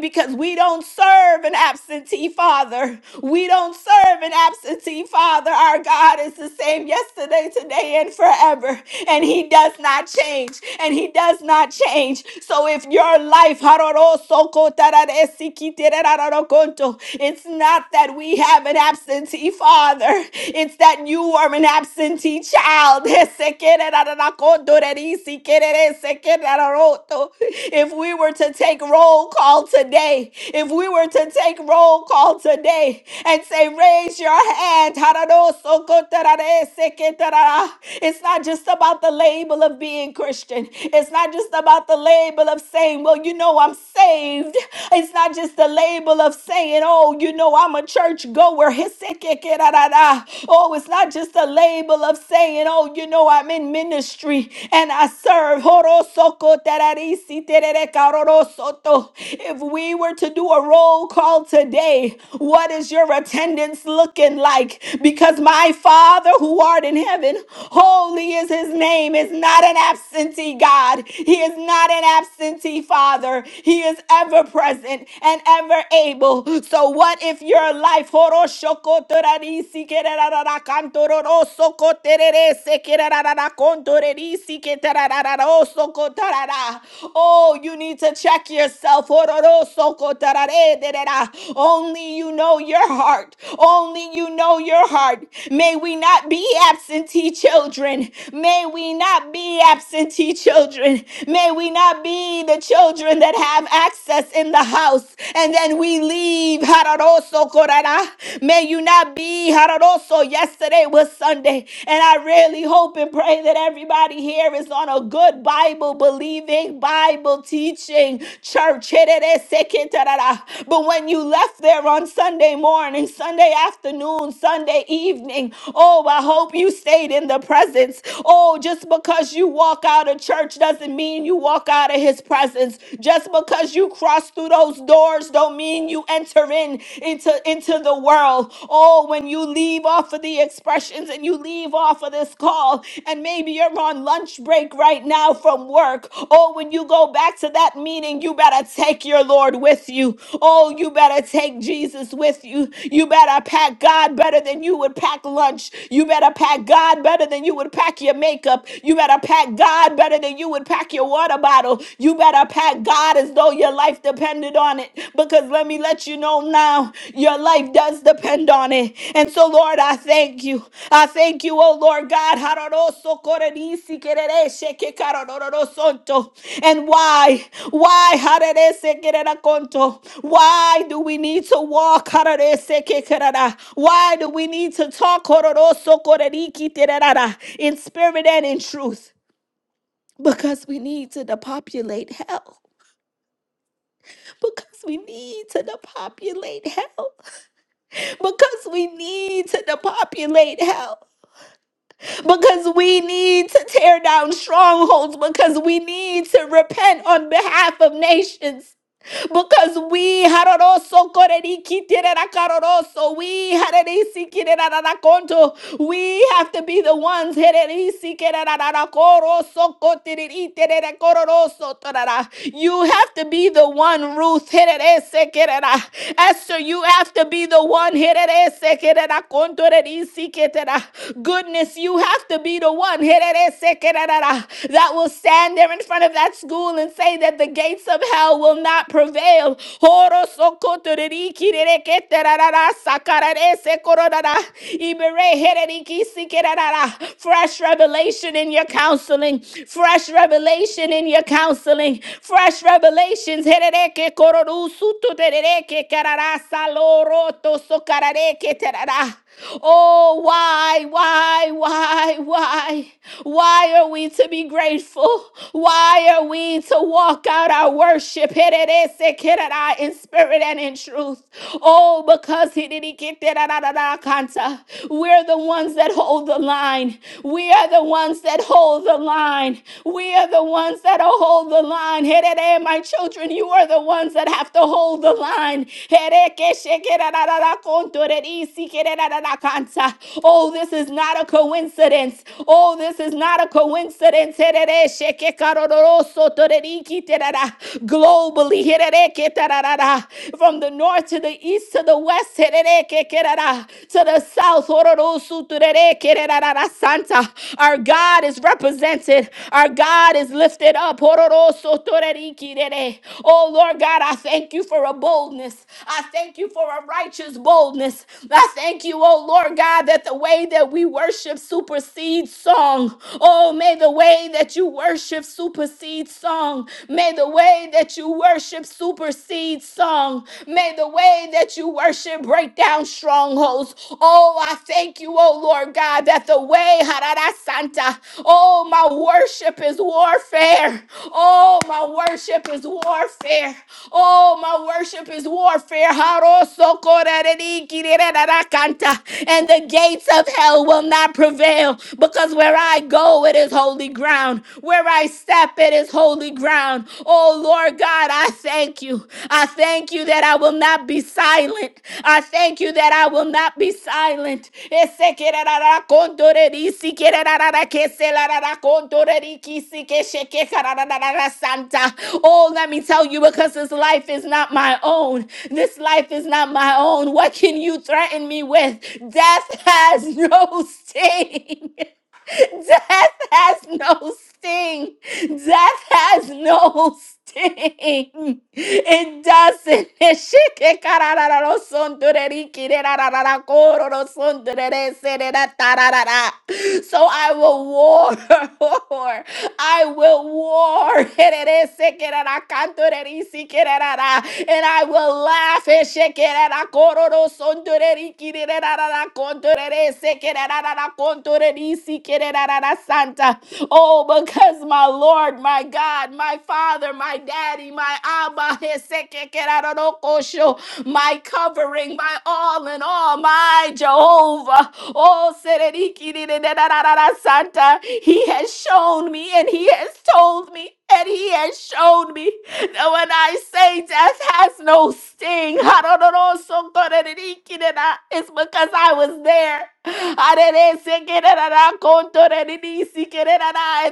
S1: because we don't serve an absentee father. We don't serve an absentee father. Our God is the same yesterday, today, and forever. And he does not change. And he does not change. So if your life It's not that we have an absentee father, it's that you are an absentee child. If we were to take roll call today, if we were to take roll call today and say, raise your hand, it's not just about the label of being Christian, it's not just about the label of saying, well, you know, I'm saved. It's not not just the label of saying, oh, you know, I'm a church goer. Oh, it's not just a label of saying, oh, you know, I'm in ministry and I serve. If we were to do a roll call today, what is your attendance looking like? Because my Father who art in heaven, holy is his name, is not an absentee God. He is not an absentee Father. He is is ever present and ever able. So, what if your life, oh, you need to check yourself. Only you know your heart. Only you know your heart. May we not be absentee children. May we not be absentee children. May we not be the children children that have access in the house, and then we leave. Hararoso korara. May you not be hararoso. Yesterday was Sunday, and I really hope and pray that everybody here is on a good Bible believing, Bible teaching church. Herereseketarara. But when you left there on Sunday morning, Sunday afternoon, Sunday evening, oh, I hope you stayed in the presence. Oh, just because you walk out of church doesn't mean you walk walk out of his presence. Just because you cross through those doors don't mean you enter in into, into the world. Oh, when you leave off of the expressions and you leave off of this call, and maybe you're on lunch break right now from work. Oh, when you go back to that meeting, you better take your Lord with you. Oh, you better take Jesus with you. You better pack God better than you would pack lunch. You better pack God better than you would pack your makeup. You better pack God better than than you would pack your water bottle. You better pack God as though your life depended on it. Because let me let you know now, your life does depend on it. And so, Lord, I thank you. I thank you, oh Lord God. And why? Why? Why do we need to walk? Why do we need to talk in spirit and in truth? because we need to depopulate hell. Because we need to depopulate hell. Because we need to depopulate hell. Because we need to tear down strongholds. Because we need to repent on behalf of nations. because we haroroso korerikitirerakaroroso, we harerisikirirarakonto, we have to be the ones hererisikerararakoroso kotiritererakororoso torara. you have to be the one Ruth hereresekerera. Esther you have to be the one hereresekererakontorerisiketera. goodness you have to be the one hereresekererara, that will stand there in front of that school and say that the gates of of hell will not prevail. Horo sokotoriki reketerarara sakararese kororara iberehereriki sikerarara. Fresh revelation in your counseling. Fresh revelation in your counseling. Fresh revelations. herereke kororusuto terereke kararasa loroto sokarareke terara. Oh, why, why, why, why? Why are we to be grateful? Why are we to to walk out our worship Heredesekerarai, in spirit and in truth. Oh, because Hiririketerarararakanta, we're the ones that hold the line. We are the ones that hold the line. We are the ones that hold the line. Herere, My children, you are the ones that have to hold the line. Herekeshekerararakontorerisikerarakanta. Oh, this is not a coincidence. Oh, this is not a coincidence globally from the north to the east to the west to the south our God is represented our God is lifted up oh Lord God I thank you for a boldness I thank you for a righteous boldness I thank you oh Lord God that the way that we worship supersedes song oh may the way way that you worship supersede song. May the way that you worship supersede song. May the way that you worship break down strongholds. Oh, I thank you, oh Lord God, that the way, Harada Santa, oh, my worship is warfare. Oh, my worship is warfare. Oh, my worship is warfare. Haro sokorereri kirerera kanta. And the gates of hell will not prevail because where I go, go, it is holy ground. Where I step, it is holy ground. Oh Lord God, I thank you. I thank you that I will not be silent. I thank you that I will not be silent. Ese que ra di, si que ra ra ra di, ki si que ja santa. Oh, let me tell you, because this life is not my own. This life is not my own. What can you threaten me with? Death has no sting. Death has no sting. Death has no sting. It doesn't. So I will war. I will war. And I will laugh. santa. Oh, because my Lord, my God, my Father, my Daddy, my Abba, my covering, my all in all, my Jehovah. Oh, santa. He has shown me and He has told me and he has shown me that when I say death has no sting, it's because I was there. And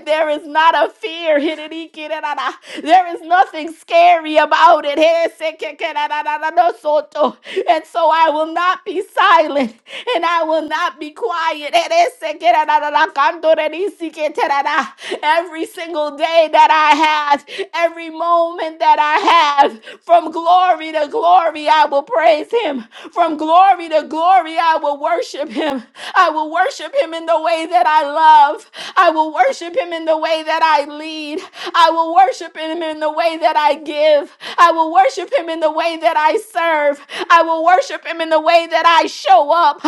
S1: there is not a fear. There is nothing scary about it. And so I will not be silent silent and I will not be quiet. Every single day that I have, every moment that I have, from glory to glory, I will praise him. From glory to glory, I will worship him. I will worship him in the way that I love. I will worship him in the way that I lead. I will will worship him in the way that I give. I will worship him in the way that I serve. I will worship him in the way that I show up.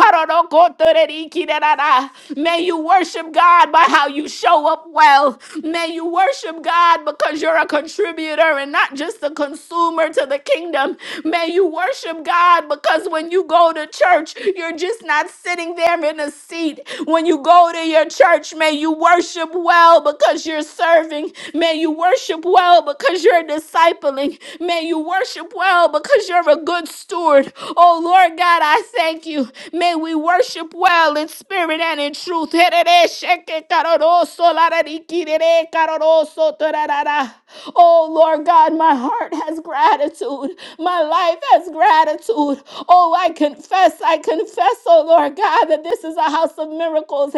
S1: May you worship God by how you show up well. May you worship God because you're a contributor and not just a consumer to the kingdom. May you worship God because when you go to church, you're just not sitting there in a seat. When you go to your church, may you worship well because you're serving. May you worship well because you're discipling. May you worship well because you're a good steward. Oh Lord God, I thank you. May we worship well in spirit and in truth. Oh Lord God, my heart has gratitude. My life has gratitude. Oh, I confess, I confess, oh Lord God, that this is a house of miracles.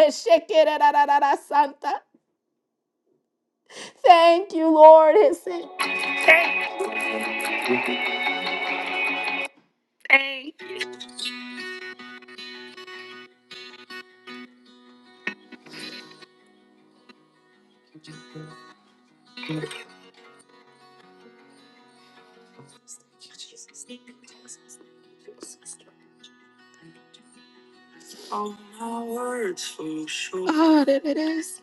S1: Santa. Thank you, Lord. All my words fall short. Ah, that it is.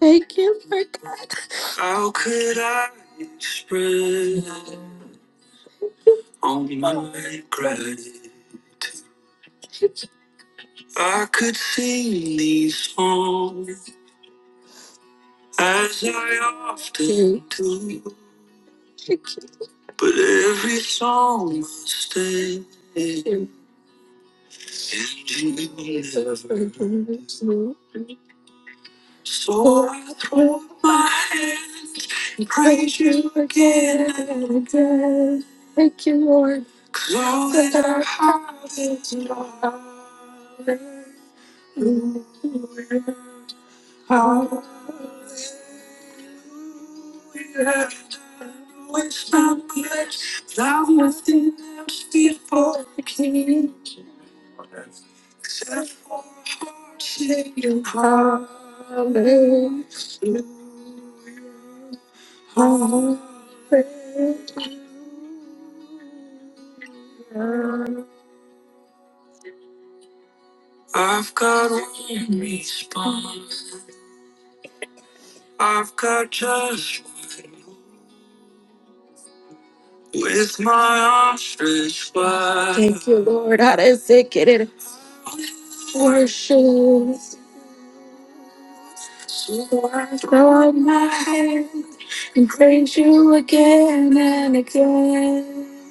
S1: Thank you. Lord How could I express all my gratitude? I could sing these songs as I often do, but every song must end in you. So I throw up my hands and praise you again and again. Thank you, Lord. 'Cause all that I have is yours. How it's not much thou within them speak for the king, except for heart singing hallelujah. hallelujah. I've got one response. I've got just one. With my ostrich stretched Thank you, Lord. I didn't sick it. in Worship and praise you again and again.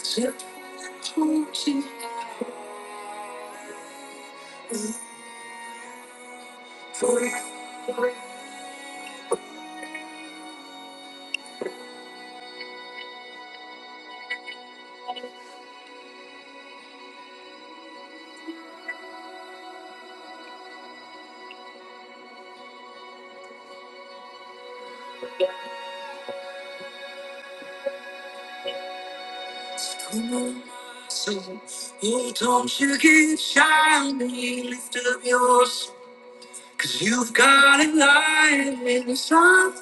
S1: So, Oh, don't you get shy on me. Lift up your Cause you've got a light inside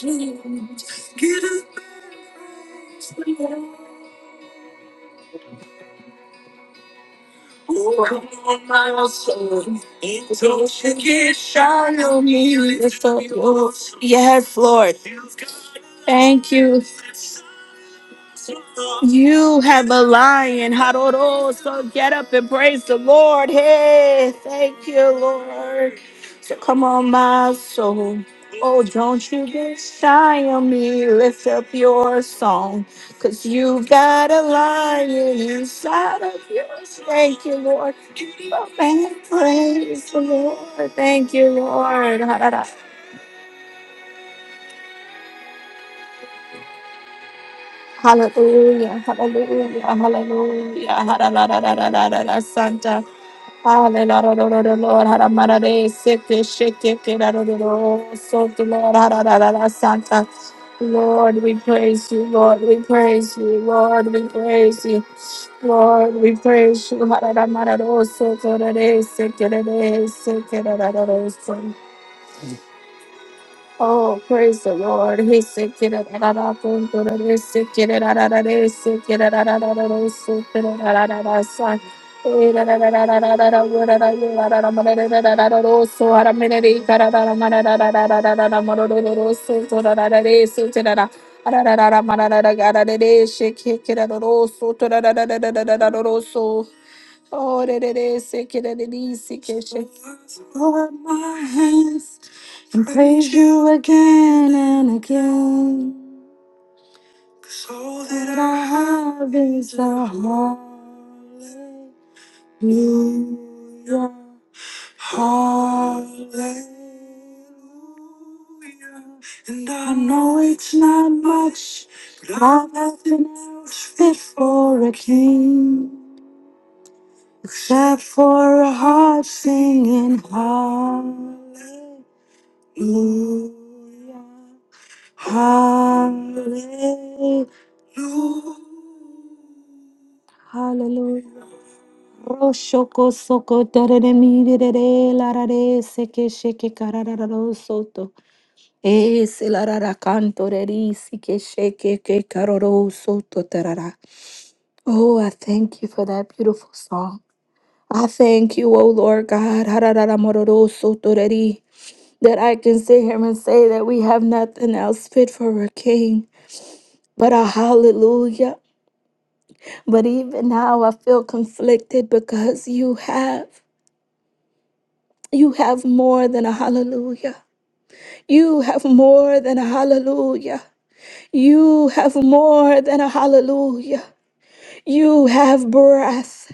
S1: dreams. Get up and praise the Lord. Oh, come on, my soul. And don't you get yours. Lord, thank you. You have a lion. Haroro. So get up and praise the Lord. Hey, thank you, Lord. So come on, my soul. Oh, don't you get shy on me. Lift up your song. Cause you've got a lion inside of you. Thank you, Lord. Oh, man, praise the Lord. Thank you, Lord. Ha-da-da. Hallelujah. Hallelujah. Hallelujah. Ha-da-da-da-da-da-da-da-da. Santa. Hallelujah, Lord, Haramarade, Seke, Sheke, Keraroro, Soto, Lord, Hararara, Santa. Lord, we praise you, Lord, we praise you, Lord, we praise you, Lord, we praise you, Hararamarado, Soto, Rade, Seke, Rade, Seke, Oh, praise the Lord. He said, "Get it, da, da, da, boom, da, da, da, sit, get it, da, da, da, da, sit, get it, da, da, da, da, da, sit, get it, da, da, da, da, son." Eh, da, da, da, da, da, da, da, da, wo, da, da, yo, da, da, da, ma, da, da, da, da, da, da, do, so, ah, da, mi, da, di, ga, da, da, da, ma, da, da, da, da, da, da, da, da, ma, do, do, do, do, so, so, da, da, da, da, so, da, da, da. Ah, da, da, da, da, ma, da, da, da, ga, da, da, da, shake, kick get it, da, da, do, so, da, da, da, da, da, da, da, da, da, do, so. Oh, that it is sick and that it is sick and shake. Lord, my hands and praise you again and again. 'Cause all that I have is a hallelujah. Hallelujah. And I know it's not much, but I've nothing else fit for a king. Clap for a heart singing hallelujah, hallelujah, hallelujah. Roshoko soko tarere mirere larare seke sheke karararo soto. Es larara canto reri seke sheke ke karoro soto tarara. Oh, I thank you for that beautiful song. I thank you, O Lord God, that I can sit here and say that we have nothing else fit for a king but a hallelujah. But even now I feel conflicted because you have. You have more than a hallelujah. You have more than a hallelujah. You have more than a hallelujah. You have breath.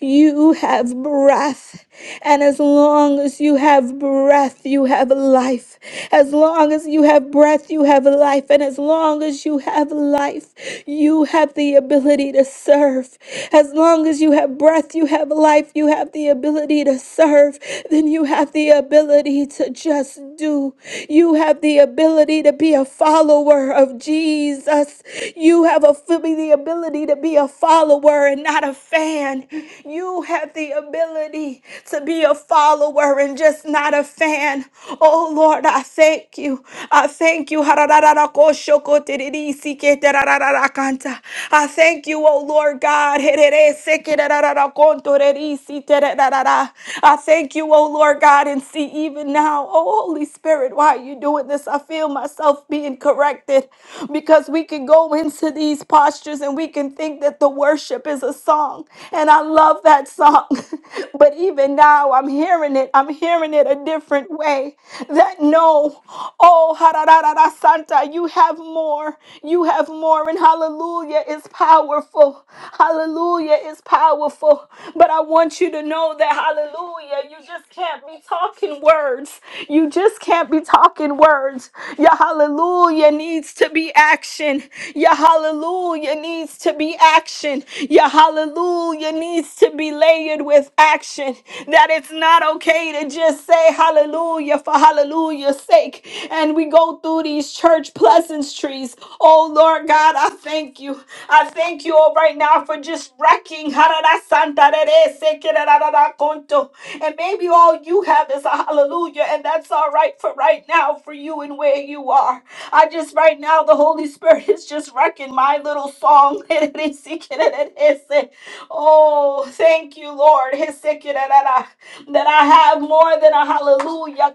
S1: You have breath. And as long as you have breath, you have life. As long as you have breath, you have life. And as long as you have life, you have the ability to serve. As long as you have breath, you have life, you have the ability to serve. Then you have the ability to just do. You have the ability to be a a follower of Jesus. You have a, the ability to be a follower and not a fan. You have the ability to be a follower and just not a fan. Oh Lord, I thank you. I thank you. I thank you, oh Lord God. I thank you, oh Lord God, and see even now, oh Holy Spirit, why are you doing this? I feel myself being corrected because we can go into these postures and we can think that the worship is a song. And I love that song. but even now, I'm hearing it. I'm hearing it a different way. That no, oh, Santa, you have have more. You have more. And hallelujah is powerful. Hallelujah is powerful. But I want you to know that hallelujah, you just can't be talking words. You just can't be talking words. Your hallelujah needs to be action. Your hallelujah needs to be action. Your hallelujah needs to be layered with action that it's not okay to just say hallelujah for hallelujah's sake. And we go through these church pleasance trees. Oh Lord God, I thank you. I thank you all right now for just wrecking. And maybe all you have is a hallelujah, and that's all right for right now for you and where you are. I just right now the Holy Spirit is just wrecking my little song. Oh, thank you, Lord. That I have more than a hallelujah.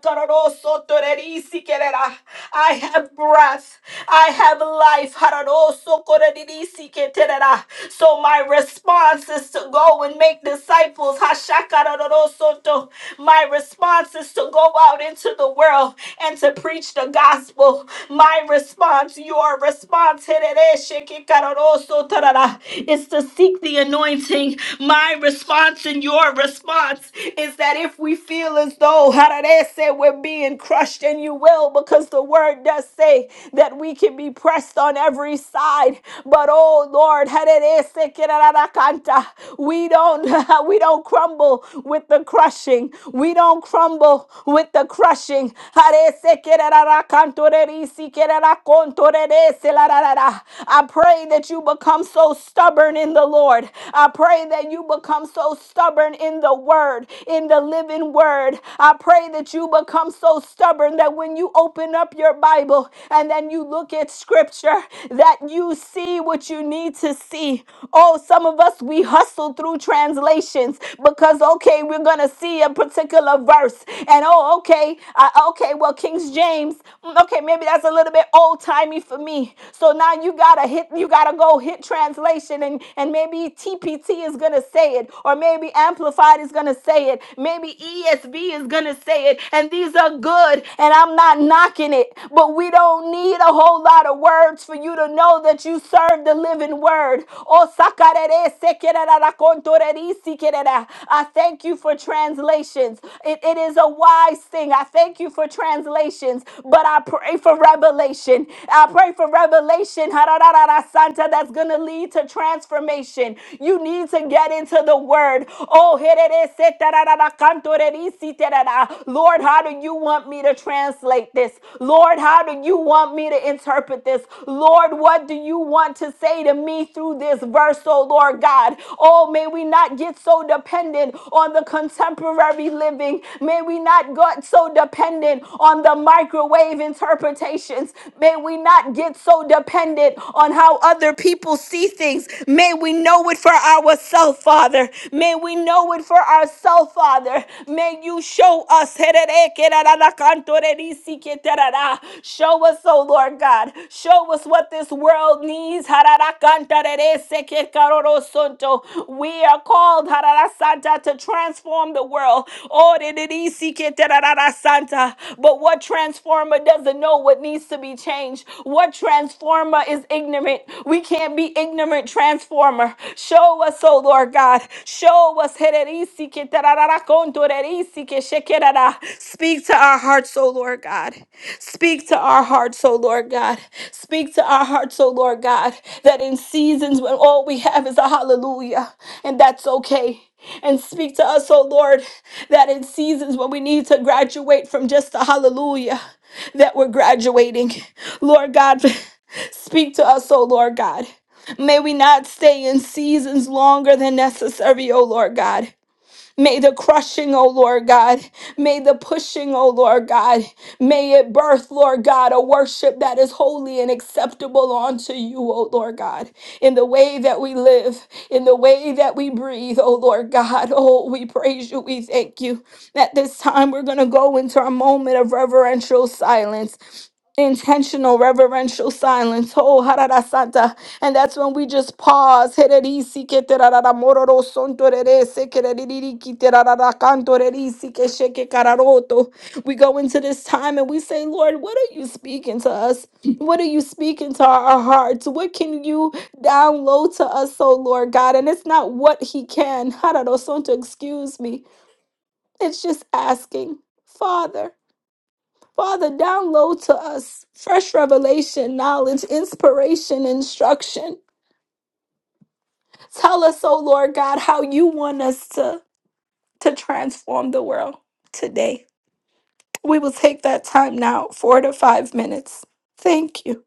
S1: I have breath. I have life. Haranosokoredidisiketerera. So my response is to go and make disciples. Hashakarorosoto. My response is to go out into the world and to preach the gospel. My response, your response, herereshikikarorosotarara, is to seek the anointing. My response and your response is that if we feel as though we're being crushed, and you will, because the word does say that we can be pressed on every side. But oh Lord, we don't we don't crumble with the crushing. We don't crumble with the crushing. I pray that you become so stubborn in the Lord. I pray that you become so stubborn in the word, in the living living word. I pray that you become so stubborn that when you open up your Bible and then you look at scripture, that you see what you need to see. Oh, some of us, we hustle through translations because, okay, we're going to see a particular verse. And oh, okay, I, okay, well, King's James, mm, okay, maybe that's a little bit old timey for me. So now you got to hit, you got to go hit translation and, and maybe TPT is going to say it, or maybe Maybe Amplified is going to say it. Maybe ESV is going to say it. And these are good, and I'm not knocking it. But we don't need a whole lot of words for you to know that you serve the living word. Oh, sacarere sekerera racontoreri sikerera. I thank you for translations. It, it is a wise thing. I thank you for translations, but I pray for revelation. I pray for revelation hararara, Santa that's going to lead to transformation revelation. You need to get into the word. Oh, Lord, how do you want me to translate this? Lord, how do you want me to interpret this? Lord, what do you want to say to me through this verse, oh Lord God? Oh, may we not get so dependent on the contemporary living. May we not get so dependent on the microwave interpretations. May we not get so dependent on how how other people see things. May we know it for ourselves, Father. May we know it for ourselves, Father. May you show us. Show us, oh Lord God. Show us what this world needs. We are called Santa to transform the world. But what transformer doesn't know what needs to be changed? change. What transformer is ignorant? We can't be ignorant transformer. Show us, oh Lord God. Show us. Speak to our hearts, oh Lord God. Speak to our hearts, oh Lord God. Speak to our hearts, oh Lord God, that in seasons when all we have is a hallelujah, and that's okay. And speak to us, oh Lord, that in seasons when we need to graduate from just a hallelujah that we're graduating. Lord God, speak to us, oh Lord God. May we not stay in seasons longer than necessary, oh Lord God. May the crushing, oh Lord God, may the pushing, oh Lord God, may it birth, Lord God, a worship that is holy and acceptable unto you, oh Lord God, in the way that we live, in the way that we breathe, oh Lord God. Oh, we praise you, we thank you. At this time, we're going to go into our moment of reverential silence intentional reverential silence. Oh, hararasata. And that's when we just pause. Hererisi keterarara mororo sontorere sekereriri kiterarara kantorerisi kesheke kararoto. We go into this time and we say, Lord, what are you speaking to us? What are you speaking to our hearts? What can you download to us, oh Lord God? And it's not what He can. Hararo sonto, excuse me. It's just asking, Father. Father, download to us fresh revelation, knowledge, inspiration, instruction. Tell us, oh Lord God, how you want us to, to transform the world today. We will take that time now, four to five minutes. Thank you.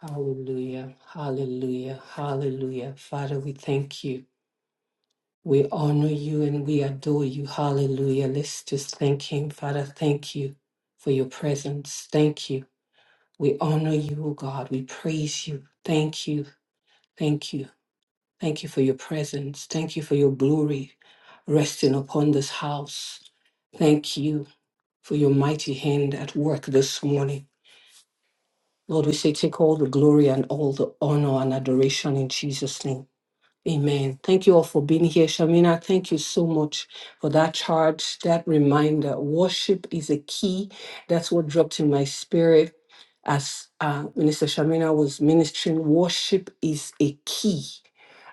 S2: Hallelujah, hallelujah, hallelujah. Father, we thank you. We honor you and we adore you. Hallelujah. Let's just thank him. Father, thank you for your presence. Thank you. We honor you, O God. We praise you. Thank you. Thank you. Thank you for your presence. Thank you for your glory resting upon this house. Thank you for your mighty hand at work this morning. Lord, we say, take all the glory and all the honor and adoration in Jesus' name. Amen. Thank you all for being here. Shamina, thank you so much for that charge, that reminder. Worship is a key. That's what dropped in my spirit as uh, Minister Shamina was ministering. Worship is a key.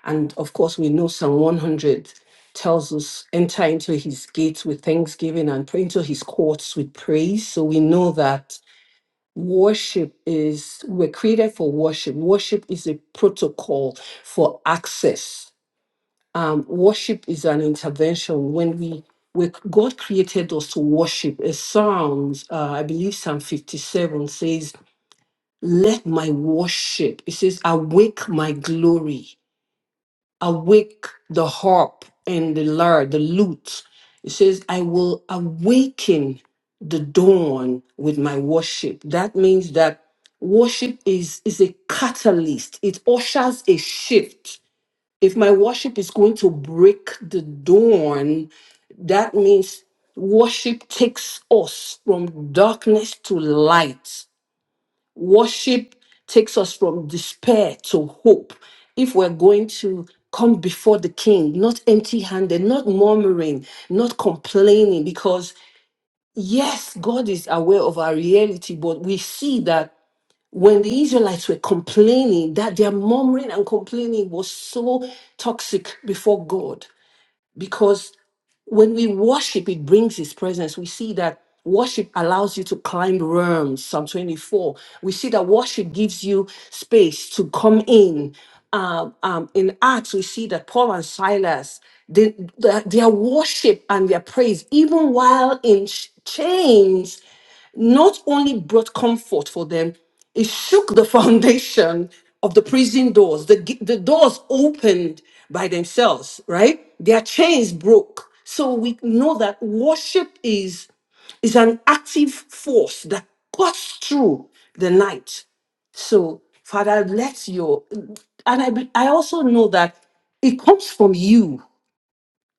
S2: And of course, we know Psalm 100 tells us enter into his gates with thanksgiving and pray into his courts with praise. So we know that worship is, we're created for worship. Worship is a protocol for access um, worship is an intervention when we we God created us to worship. A Psalms, uh, I believe Psalm 57 says, Let my worship, it says, awake my glory, awake the harp and the lyre, the lute. It says, I will awaken the dawn with my worship. That means that worship is, is a catalyst, it ushers a shift if my worship is going to break the dawn, that means worship takes us from darkness to light. Worship takes us from despair to hope. If we're going to come before the king, not empty handed, not murmuring, not complaining, because yes, God is aware of our reality, but we see that when the Israelites were complaining, that their murmuring and complaining was so toxic before God. Because when we worship, it brings His presence. We see that worship allows you to climb realms, Psalm 24. We see that worship gives you space to come in. Uh, um, in Acts, we see that Paul and Silas, they, their their worship and their praise, even while in ch- chains, not only brought comfort for them, it shook the foundation of the prison doors. The, g- the doors opened by themselves, right? Their chains broke. So we know that worship is, is an active force that cuts through the night. So, Father, let your, and I, be- I also know that it comes from you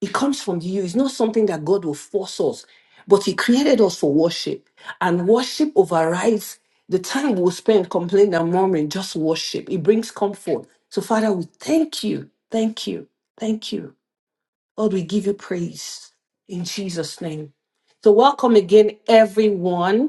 S2: it comes from you. It's not something that God will force us, but He created us for worship. And worship overrides the time we'll spend complaining and murmuring, just worship. It brings comfort. So, Father, we thank you. Thank you. Thank you. Lord, we give you praise in Jesus' name. So, welcome again, everyone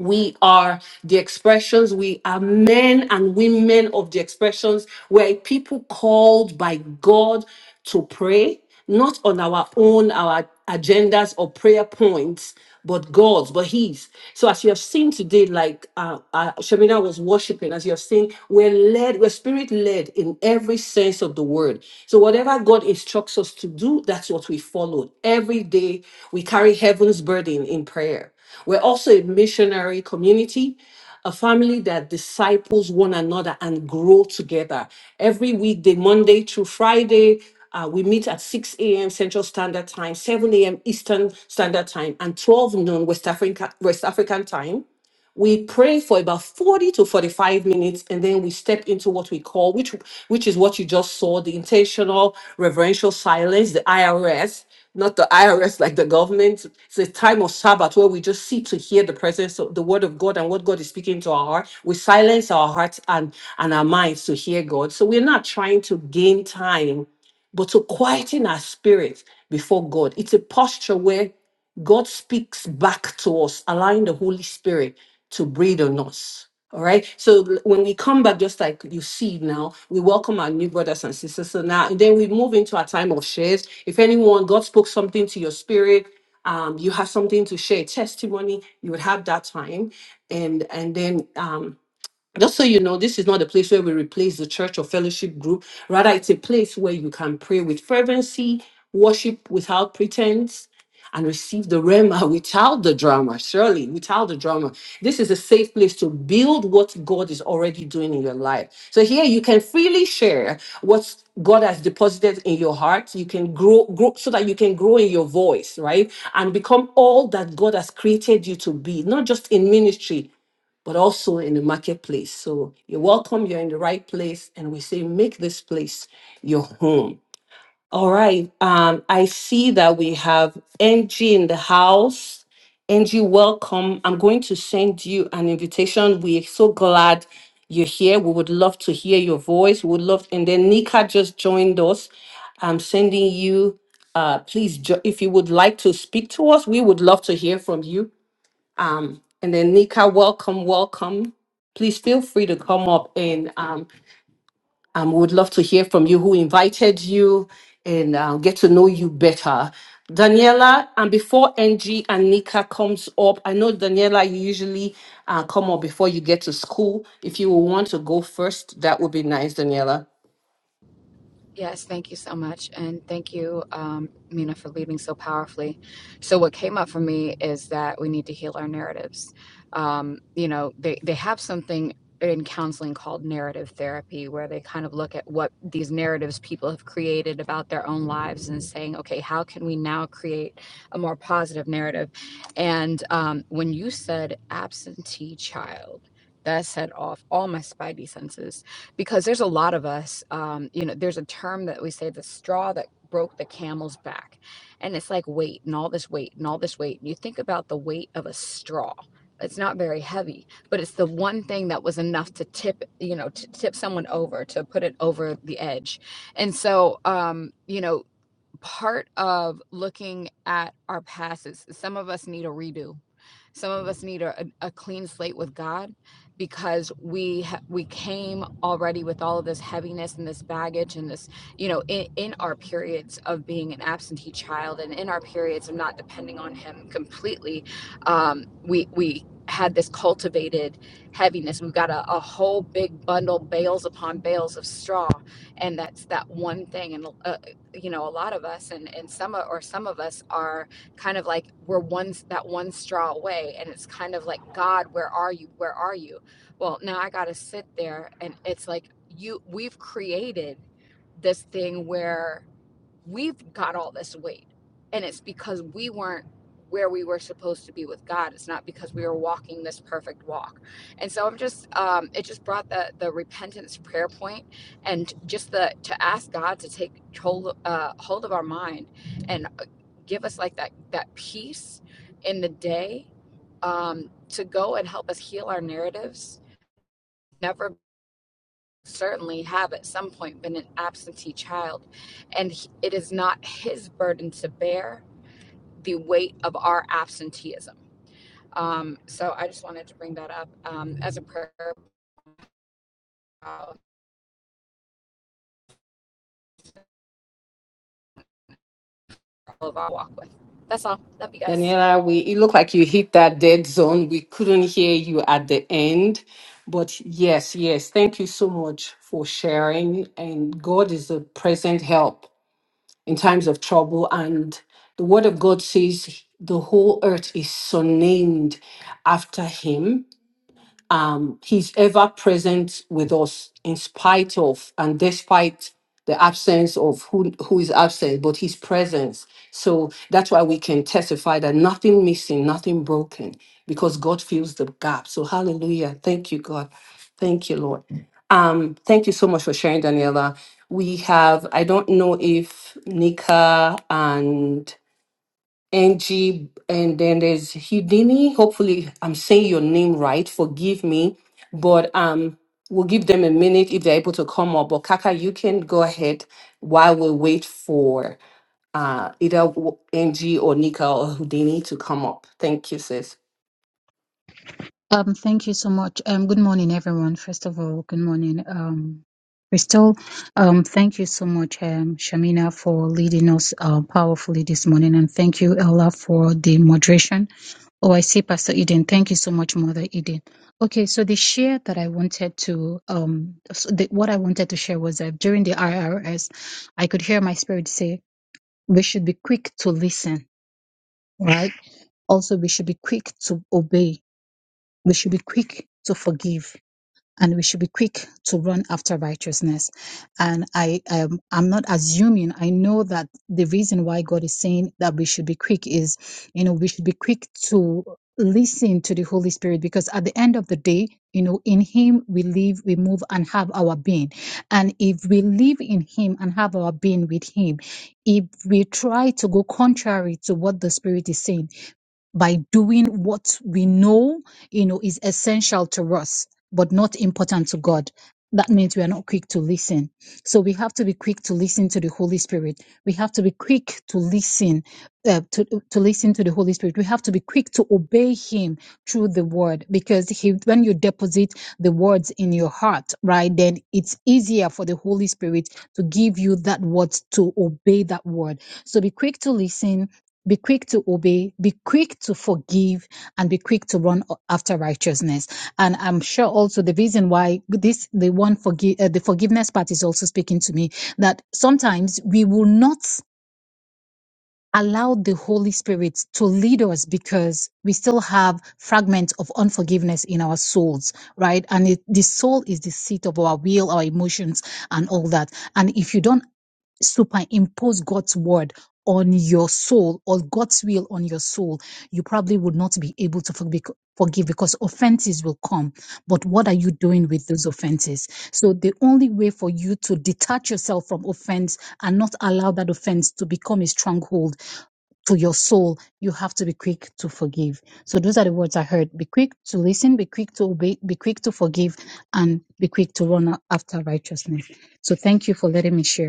S2: we are the expressions. We are men and women of the expressions. We're a people called by God to pray, not on our own, our agendas or prayer points, but God's, but His. So, as you have seen today, like uh, uh, Shamina was worshiping, as you have seen, we're led, we're spirit led in every sense of the word. So, whatever God instructs us to do, that's what we follow. Every day, we carry heaven's burden in prayer. We're also a missionary community, a family that disciples one another and grow together. Every weekday, Monday through Friday, uh, we meet at 6 a.m. Central Standard Time, 7 a.m. Eastern Standard Time, and 12 noon West African West African time we pray for about 40 to 45 minutes and then we step into what we call, which which is what you just saw, the intentional reverential silence, the IRS, not the IRS like the government. It's a time of Sabbath where we just sit to hear the presence of the word of God and what God is speaking to our heart. We silence our hearts and, and our minds to hear God. So we're not trying to gain time, but to quieten our spirit before God. It's a posture where God speaks back to us, allowing the Holy Spirit to breathe on us. All right. So l- when we come back, just like you see now, we welcome our new brothers and sisters. So now, and then we move into our time of shares. If anyone, God spoke something to your spirit, um, you have something to share, testimony, you would have that time. And and then um, just so you know, this is not a place where we replace the church or fellowship group. Rather, it's a place where you can pray with fervency, worship without pretense, and receive the Rema without the drama, surely, without the drama. This is a safe place to build what God is already doing in your life. So here you can freely share what God has deposited in your heart. You can grow, grow so that you can grow in your voice, right? And become all that God has created you to be, not just in ministry, but also in the marketplace. So you're welcome. You're in the right place. And we say, make this place your home. All right. Um, I see that we have Angie in the house. Angie, welcome. I'm going to send you an invitation. We're so glad you're here. We would love to hear your voice. We would love, and then Nika just joined us. I'm sending you. Uh, please, jo- if you would like to speak to us, we would love to hear from you and then Nika, welcome, welcome. Please feel free to come up and um, um, we would love to hear from you who invited you and uh, get to know you better. Daniela, and before NG and Nika comes up, I know Daniela, you usually uh, come up before you get to school. If you want to go first, that would be nice, Daniela.
S3: Yes, thank you so much. And thank you, um, Mina, for leading so powerfully. So, what came up for me is that we need to heal our narratives. Um, you know, they, they have something in counseling called narrative therapy, where they kind of look at what these narratives people have created about their own lives and saying, okay, how can we now create a more positive narrative? And um, when you said absentee child, that set off all my spidey senses because there's a lot of us um, you know there's a term that we say the straw that broke the camel's back and it's like weight and all this weight and all this weight and you think about the weight of a straw it's not very heavy but it's the one thing that was enough to tip you know to tip someone over to put it over the edge and so um you know part of looking at our past is some of us need a redo. Some of us need a, a clean slate with God because we ha- we came already with all of this heaviness and this baggage and this you know in, in our periods of being an absentee child and in our periods of not depending on him completely um, we we had this cultivated heaviness we've got a, a whole big bundle bales upon bales of straw and that's that one thing and uh, you know a lot of us and and some or some of us are kind of like we're one that one straw away and it's kind of like god where are you where are you well now i got to sit there and it's like you we've created this thing where we've got all this weight and it's because we weren't where we were supposed to be with god it's not because we were walking this perfect walk and so i'm just um it just brought the the repentance prayer point and just the to ask god to take hold uh hold of our mind and uh, give us like that that peace in the day um to go and help us heal our narratives Never certainly have at some point been an absentee child, and he- it is not his burden to bear the weight of our absenteeism. Um, so I just wanted to bring that up um, as a prayer uh, for all of our walk with. That's all. Love you guys.
S2: Daniela, we it looked like you hit that dead zone. We couldn't hear you at the end. But yes, yes, thank you so much for sharing. And God is a present help in times of trouble. And the word of God says the whole earth is so named after him. Um, he's ever present with us in spite of and despite the absence of who, who is absent, but his presence. So that's why we can testify that nothing missing, nothing broken, because God fills the gap. So hallelujah. Thank you, God. Thank you, Lord. Um, thank you so much for sharing, Daniela. We have, I don't know if Nika and Angie, and then there's Houdini. Hopefully, I'm saying your name right. Forgive me, but um, we'll give them a minute if they're able to come up. But Kaka, you can go ahead while we wait for uh either Angie or Nika or Houdini to come up. Thank you, sis.
S4: Um, thank you so much. Um, good morning, everyone. First of all, good morning, um, Crystal. Um, thank you so much, um, Shamina, for leading us uh, powerfully this morning, and thank you, Ella, for the moderation. Oh, I see, Pastor Eden. Thank you so much, Mother Eden. Okay, so the share that I wanted to, um, so the, what I wanted to share was that during the IRS, I could hear my spirit say, "We should be quick to listen, right? Also, we should be quick to obey. We should be quick to forgive." and we should be quick to run after righteousness. And I, um, I'm not assuming. I know that the reason why God is saying that we should be quick is, you know, we should be quick to listen to the Holy Spirit because at the end of the day, you know, in Him we live, we move, and have our being. And if we live in Him and have our being with Him, if we try to go contrary to what the Spirit is saying, by doing what we know, you know, is essential to us, but not important to God. That means we are not quick to listen. So we have to be quick to listen to the Holy Spirit. We have to be quick to listen, uh, to, to listen to the Holy Spirit. We have to be quick to obey Him through the Word because he, when you deposit the words in your heart, right, then it's easier for the Holy Spirit to give you that word to obey that word. So be quick to listen be quick to obey, be quick to forgive, and be quick to run after righteousness. And I'm sure also the reason why this, the one forgive, uh, the forgiveness part is also speaking to me that sometimes we will not allow the Holy Spirit to lead us because we still have fragments of unforgiveness in our souls, right? And it, the soul is the seat of our will, our emotions, and all that. And if you don't superimpose God's word on your soul or God's will on your soul, you probably would not be able to forgive forgive because offenses will come. But what are you doing with those offenses? So the only way for you to detach yourself from offense and not allow that offense to become a stronghold to your soul, you have to be quick to forgive. So those are the words I heard. Be quick to listen, be quick to obey, be quick to forgive, and be quick to run after righteousness. So thank you for letting me share.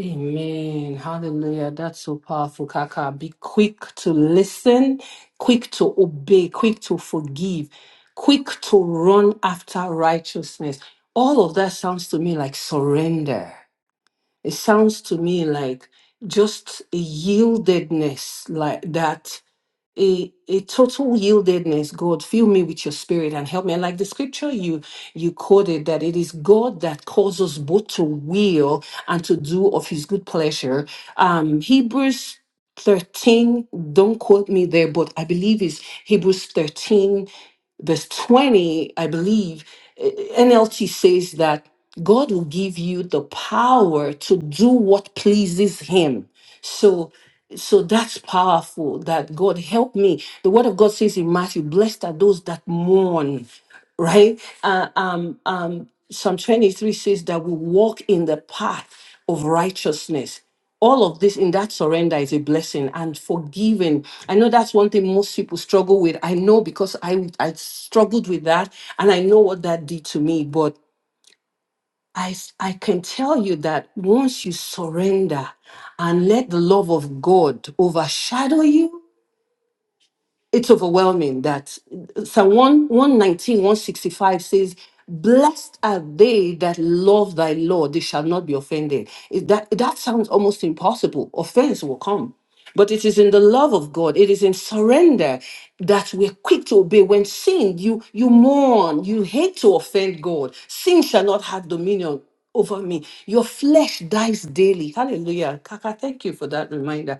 S2: Amen. Hallelujah. That's so powerful, Kaka. Be quick to listen, quick to obey, quick to forgive, quick to run after righteousness. All of that sounds to me like surrender. It sounds to me like just a yieldedness like that a, a total yieldedness god fill me with your spirit and help me and like the scripture you you quoted that it is god that causes both to will and to do of his good pleasure um hebrews 13 don't quote me there but i believe is hebrews 13 verse 20 i believe eh, nlt says that god will give you the power to do what pleases him so so that's powerful that God help me. The word of God says in Matthew, blessed are those that mourn, right? Uh, um, um, Psalm 23 says that we walk in the path of righteousness. All of this in that surrender is a blessing and forgiving. I know that's one thing most people struggle with. I know because I I struggled with that and I know what that did to me. But I, s- I can tell you that once you surrender and let the love of God overshadow you, it's overwhelming. That uh, Psalm 1 119, 165 says, Blessed are they that love thy law, they shall not be offended. It- that, that sounds almost impossible. Offense will come. But it is in the love of God, it is in surrender that we're quick to obey. When sin, you you mourn, you hate to offend God. Sin shall not have dominion over me. Your flesh dies daily. Hallelujah. Kaka, thank you for that reminder.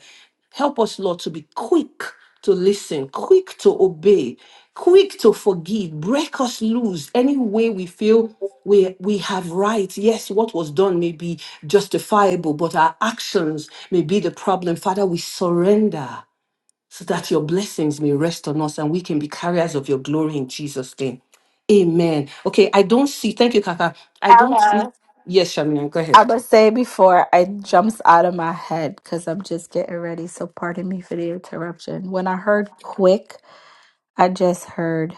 S2: Help us, Lord, to be quick to listen, quick to obey, quick to forgive. Break us loose any way we feel we, we have right. Yes, what was done may be justifiable, but our actions may be the problem. Father, we surrender so that your blessings may rest on us and we can be carriers of your glory in Jesus' name. Amen. Okay, I don't see. Thank you, Kaka. I don't see.
S1: Ella.
S2: Yes, Shamina, go ahead.
S1: I must say before it jumps out of my head because I'm just getting ready. So pardon me for the interruption. When I heard quick, I just heard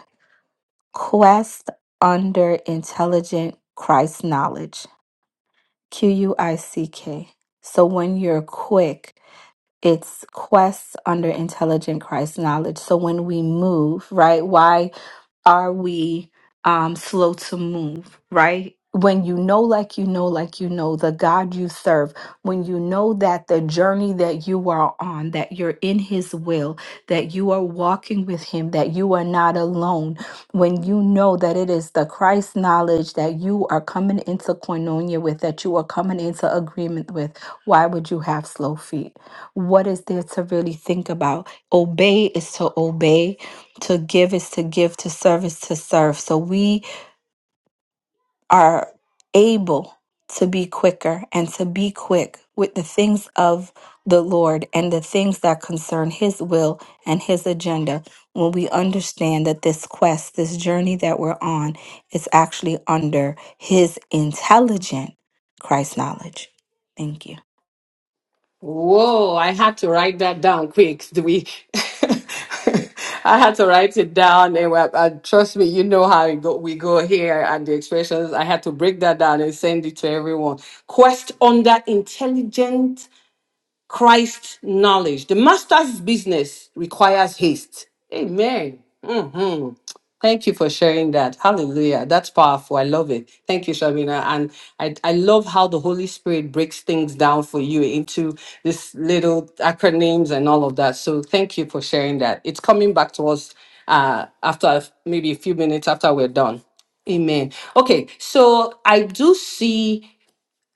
S1: quest under intelligent Christ knowledge. Q U I C K. So when you're quick, it's quests under intelligent Christ knowledge. So when we move, right, why are we um, slow to move, right? When you know, like you know, like you know, the God you serve, when you know that the journey that you are on, that you're in His will, that you are walking with Him, that you are not alone, when you know that it is the Christ knowledge that you are coming into koinonia with, that you are coming into agreement with, why would you have slow feet? what is there to really think about? Obey is to obey, to give is to give, to serve is to serve. So we are able to be quicker and to be quick with the things of the Lord and the things that concern His will and His agenda when we understand that this quest, this journey that we're on, is actually under His intelligent Christ knowledge. Thank you.
S2: Whoa, I had to write that down quick. Do we? I had to write it down, and, wa- and trust me, you know how it go, we go here and the expressions. I had to break that down and send it to everyone. Quest under intelligent Christ knowledge. The master's business requires haste. Amen. hmm Thank you for sharing that. Hallelujah. That's powerful. I love it. Thank you, Shabina. And I, I love how the Holy Spirit breaks things down for you into this little acronyms and all of that. So thank you for sharing that. It's coming back to us uh, after maybe a few minutes after we're done. Amen. Okay, so I do see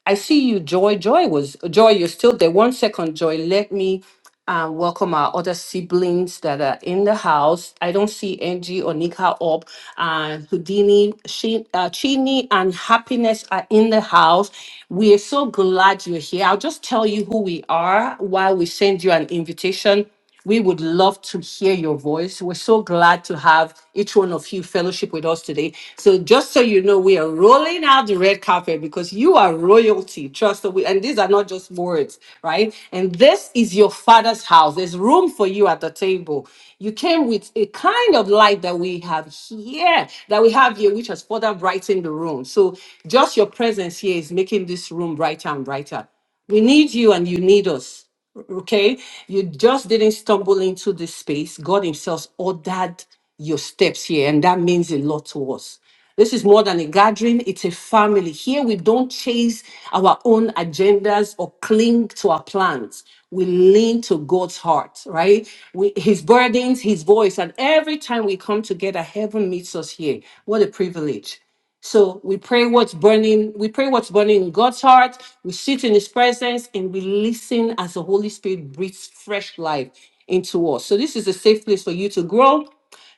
S2: I see you, Joy. Joy was Joy. You're still there. One second, Joy. Let me uh, welcome our other siblings that are in the house. I don't see Angie or Nika up. Uh, Houdini, she, uh, Chini, and Happiness are in the house. We are so glad you're here. I'll just tell you who we are while we send you an invitation we would love to hear your voice. We're so glad to have each one of you fellowship with us today. So, just so you know, we are rolling out the red carpet because you are royalty. Trust that we, and these are not just words, right? And this is your father's house. There's room for you at the table. You came with a kind of light that we have here, that we have here, which has further brightened the room. So, just your presence here is making this room brighter and brighter. We need you and you need us. Okay, you just didn't stumble into this space. God Himself ordered your steps here, and that means a lot to us. This is more than a gathering, it's a family. Here, we don't chase our own agendas or cling to our plans. We lean to God's heart, right? We, his burdens, His voice. And every time we come together, heaven meets us here. What a privilege. So we pray what's burning, we pray what's burning in God's heart, we sit in his presence and we listen as the Holy Spirit breathes fresh life into us. So this is a safe place for you to grow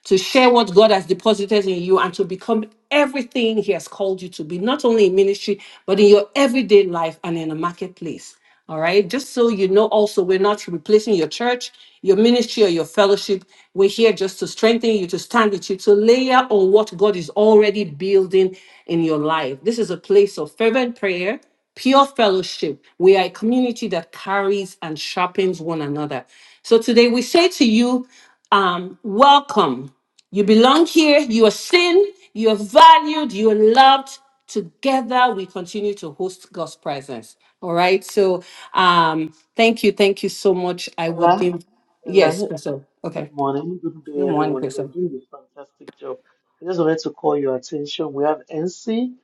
S2: to share what God has deposited in you and to become everything He has called you to be, not only in ministry, but in your everyday life and in the marketplace. All right. Just so you know, also, we're not replacing your church, your ministry, or your fellowship. We're here just to strengthen you, to stand with you, to layer on what God is already building in your life. This is a place of fervent prayer, pure fellowship. We are a community that carries and sharpens one another. So today we say to you, um, welcome. You belong here. You are seen. You are valued. You are loved. Together, we continue to host God's presence. All right. So, um, thank you. Thank you so much. I
S5: Ella,
S2: would. Give,
S5: Ella,
S2: yes, Crystal.
S5: good
S2: Okay.
S5: morning, good day,
S2: Good morning,
S5: everyone. You're
S2: Crystal.
S5: doing a fantastic job. I just wanted to call your attention. We have NC.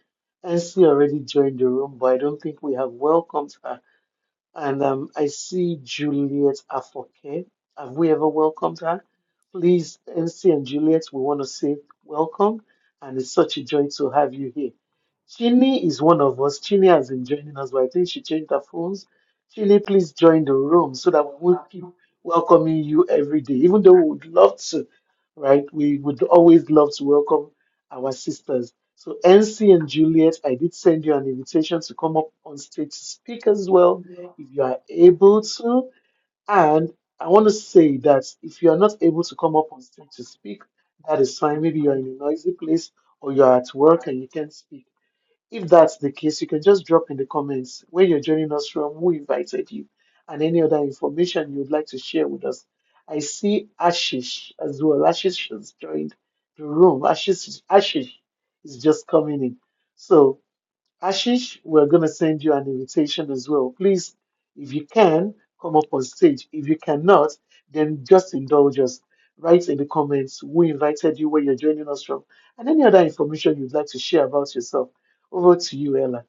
S5: NC already joined the room, but I don't think we have welcomed her. And um, I see Juliet Afoke. Have we ever welcomed her? Please, NC and Juliet, we want to say welcome. And it's such a joy to have you here. Chini is one of us. Chini has been joining us, but I think she changed her phones. Chini, please join the room so that we won't keep welcoming you every day, even though we would love to, right? We would always love to welcome our sisters. So, NC and Juliet, I did send you an invitation to come up on stage to speak as well if you are able to. And I want to say that if you are not able to come up on stage to speak, that is fine. Maybe you're in a noisy place or you're at work and you can't speak. If that's the case, you can just drop in the comments where you're joining us from, who invited you, and any other information you'd like to share with us. I see Ashish as well. Ashish has joined the room. Ashish, Ashish is just coming in. So Ashish, we're going to send you an invitation as well. Please, if you can, come up on stage. If you cannot, then just indulge us. Write in the comments who invited you, where you're joining us from, and any other information you'd like to share about yourself. Over to you, Ella.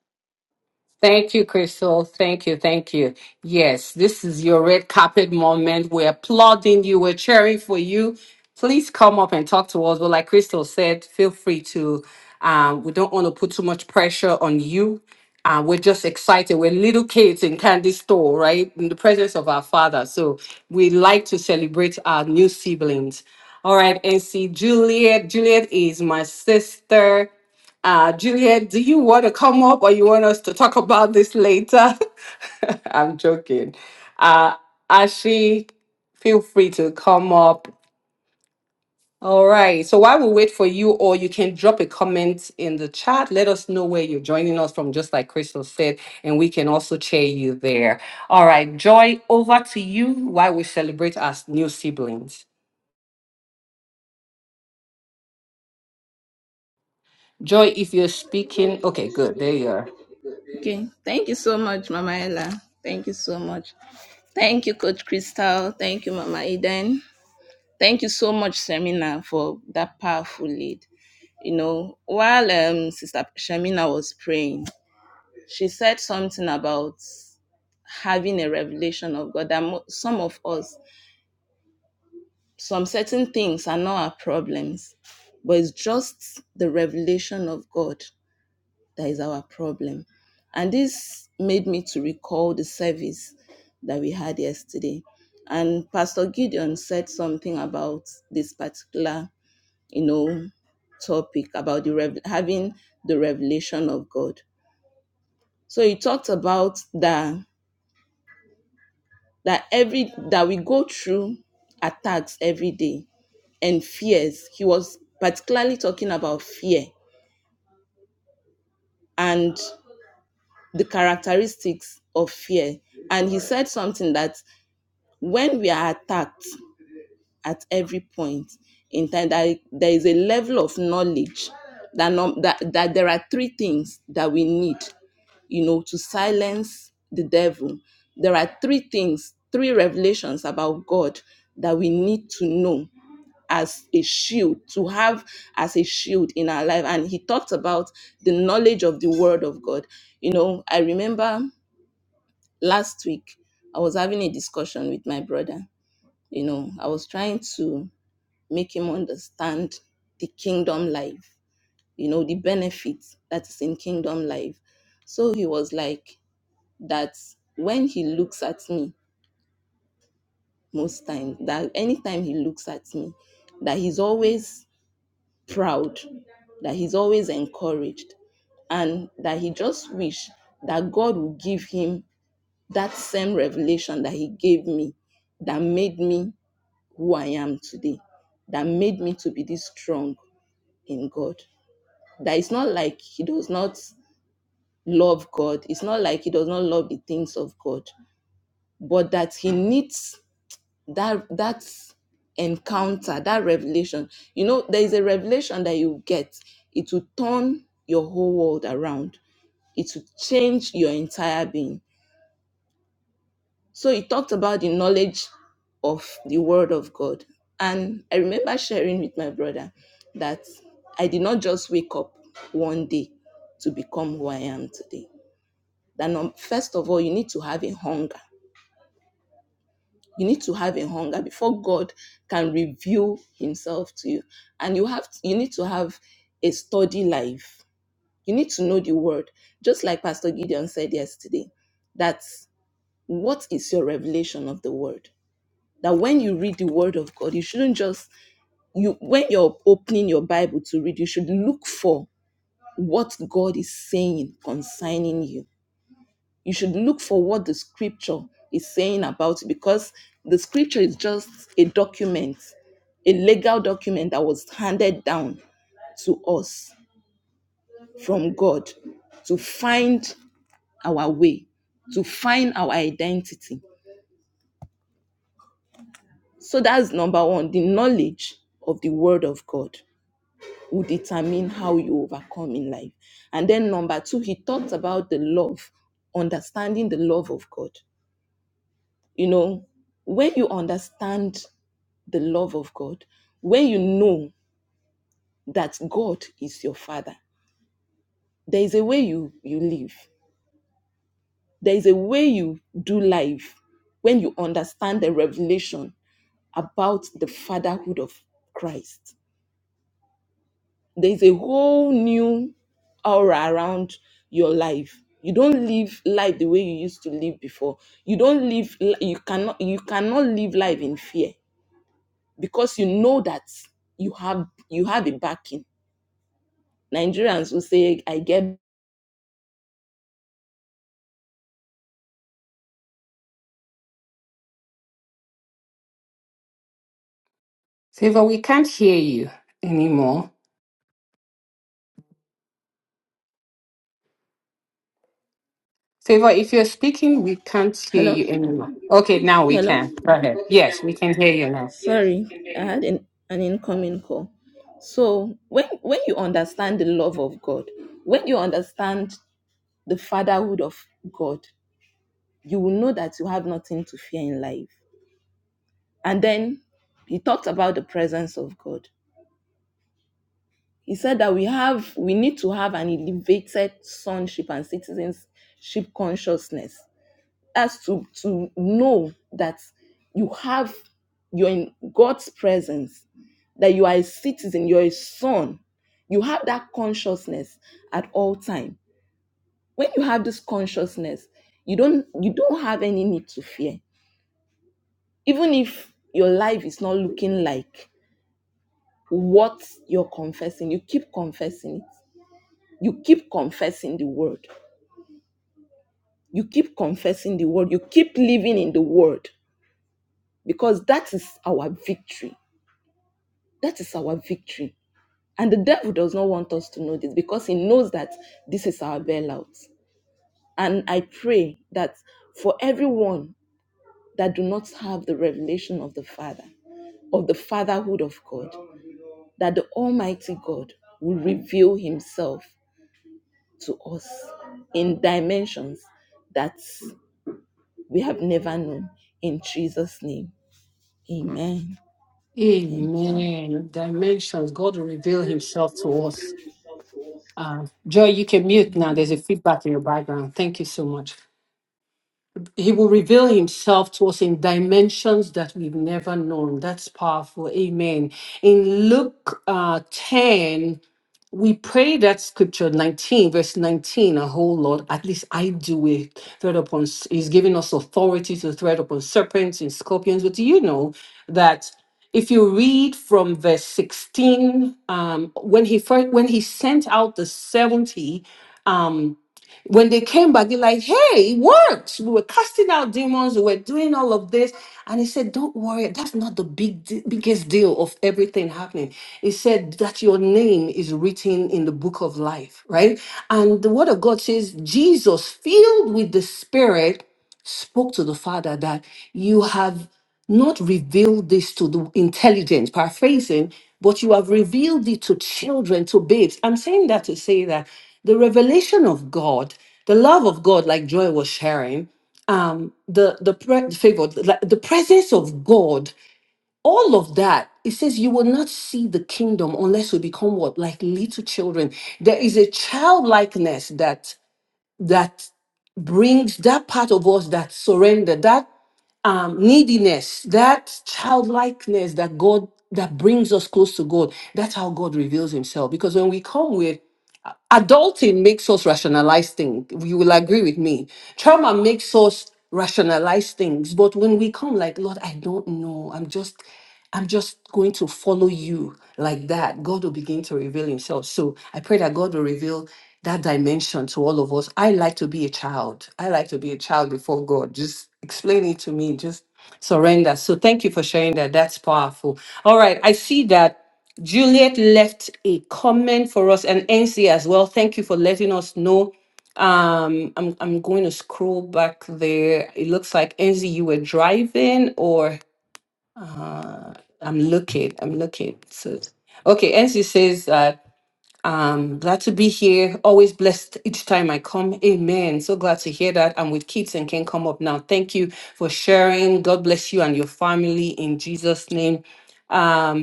S2: Thank you, Crystal. Thank you. Thank you. Yes, this is your red carpet moment. We're applauding you. We're cheering for you. Please come up and talk to us. But like Crystal said, feel free to, um, we don't want to put too much pressure on you. Uh, we're just excited. We're little kids in candy store, right? In the presence of our father. So we like to celebrate our new siblings. All right, NC Juliet. Juliet is my sister. Uh, Juliet, do you want to come up or you want us to talk about this later? I'm joking. Uh, Ashi, feel free to come up. All right. So while we wait for you, or you can drop a comment in the chat, let us know where you're joining us from, just like Crystal said, and we can also cheer you there. All right. Joy, over to you while we celebrate our new siblings. Joy, if you're speaking, okay, good. There you are.
S6: Okay. Thank you so much, Mama Ella. Thank you so much. Thank you, Coach Crystal. Thank you, Mama Eden. Thank you so much, Shamina, for that powerful lead. You know, while um, Sister Shamina was praying, she said something about having a revelation of God that mo- some of us, some certain things are not our problems, but it's just the revelation of God that is our problem. And this made me to recall the service that we had yesterday. And Pastor Gideon said something about this particular, you know, topic about the rev- having the revelation of God. So he talked about that that every that we go through attacks every day and fears. He was particularly talking about fear. And the characteristics of fear. And he said something that when we are attacked at every point in time, that there is a level of knowledge that, that, that there are three things that we need, you know, to silence the devil. There are three things, three revelations about God that we need to know as a shield to have as a shield in our life and he talked about the knowledge of the word of god you know i remember last week I was having a discussion with my brother. You know, I was trying to make him understand the kingdom life, you know, the benefits that is in kingdom life. So he was like, that when he looks at me, most times, that anytime he looks at me, that he's always proud, that he's always encouraged, and that he just wish that God would give him that same revelation that he gave me that made me who I am today, that made me to be this strong in God. That it's not like he does not love God, it's not like he does not love the things of God, but that he needs that that encounter, that revelation. You know, there is a revelation that you get, it will turn your whole world around, it will change your entire being So he talked about the knowledge of the word of God. And I remember sharing with my brother that I did not just wake up one day to become who I am today. That num- first of all, you need to have a hunger. You need to have a hunger before God can reveal himself to you. And you have you need to have a study life. You need to know the word. Just like Pastor Gideon said yesterday, that what is your revelation of the word? that when you read the word of God, you shouldn't just you when you're opening your Bible to read, you should look for what God is saying concerning you. You should look for what the scripture is saying about it because the scripture is just a document, a legal document that was handed down to us from God to find our way, to find our identity. So that's number one, the knowledge of the word of God. will determine how you overcome in life. And then number two, he talked about the love, understanding the love of God. You know, when you understand the love of God, when you know that God is your father, there is a way you you live. There is a way you do life when you understand the revelation about the fatherhood of Christ there's a whole new aura around your life you don't live life the way you used to live before you don't live li- you cannot you cannot live life in fear because you know that you have you have a backing nigerians will say i get
S2: Favor, we can't hear you anymore. Favor, if you're speaking, we can't hear
S6: hello
S2: you anymore. Okay, now we
S6: hello
S2: can. Go ahead.
S6: Okay, now
S2: Yes, we
S6: we
S2: can
S6: can.
S2: hear
S6: Go
S2: you
S6: ahead.
S2: now.
S6: Yes, sorry we can hear i you. had an, an incoming call so when when you understand the love of god when you understand the fatherhood of god you will know that you have nothing to fear in life. And then he talked about the presence of God. He said that we have we need to have an elevated sonship and citizenship consciousness as to to know that you have you're in God's presence, that you are a citizen, you're a son. You have that consciousness at all time. When you have this consciousness, you don't you don't have any need to fear even if your life is not looking like what you're confessing, you keep confessing it. You keep confessing the word. You keep confessing the word. You keep living in the word because that is our victory. That is our victory. And the devil does not want us to know this because he knows that this is our bailout. And I pray that for everyone that do not have the revelation of the Father, of the fatherhood of God, that the Almighty God will reveal Himself to us in dimensions that we have never known. In Jesus' name, amen. Thank you.
S2: Amen. Dimensions. God will reveal himself to us. Uh, Joy, you can mute now. There's a feedback in your background. Thank you so much. He will reveal himself to us in dimensions that we've never known. That's powerful. Amen. In Luke uh, 10, we pray that scripture 19 verse 19 a whole lot at least i do it tread upon s- he's giving us authority to tread upon serpents and scorpions but do you know that if you read from verse 16 um, when he first when he sent out the 70 um, when they came back, they're like, hey, it worked. We were casting out demons, we were doing all of this. And he said, Don't worry, that's not the big de- biggest deal of everything happening. He said that your name is written in the book of life, right? And the word of God says, Jesus, filled with the spirit spoke to the Father that you have not revealed this to the intelligent, paraphrasing, but you have revealed it to children, to babes. I'm saying that to say that the revelation of God, the love of God, like Joy was sharing, um, the the pre- favor, the, like, the presence of God, all of that. It says you will not see the kingdom unless we become what like little children. There is a childlikeness that that brings that part of us that surrender um, neediness, that childlikeness that God that brings us close to God. That's how God reveals Himself. Because when we come with Adulting makes us rationalize things. You will agree with me. Trauma makes us rationalize things. But when we come like, Lord, I don't know. I'm just, I'm just going to follow you like that. God will begin to reveal himself. So I pray that God will reveal that dimension to all of us. I like to be a child. I like to be a child before God. Just explain it to me. Just surrender. So thank you for sharing that. That's powerful. All right. I see that Juliet left a comment for us and NC as well. Thank you for letting us know. Um, I'm I'm going to scroll back there. It looks like NC you were driving or uh, I'm looking. I'm looking. So okay, NC says that um glad to be here. Always blessed each time I come. Amen. So glad to hear that. I'm with kids and can come up now. Thank you for sharing. God bless you and your family in Jesus' name. Um,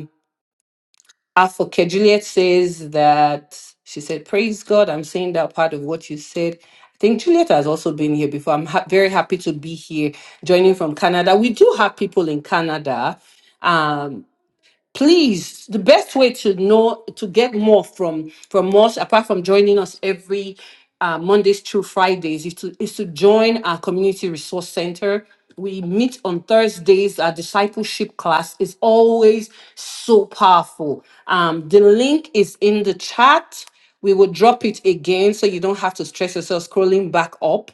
S2: Afoke Juliet says that she said, Praise God, I'm saying that part of what you said. I think Juliet has also been here before. I'm ha- very happy to be here, joining from Canada. We do have people in Canada. Um, please the best way to know to get more from from us apart from joining us every uh, mondays through fridays is to is to join our community resource center we meet on thursdays our discipleship class is always so powerful um, the link is in the chat we will drop it again so you don't have to stress yourself scrolling back up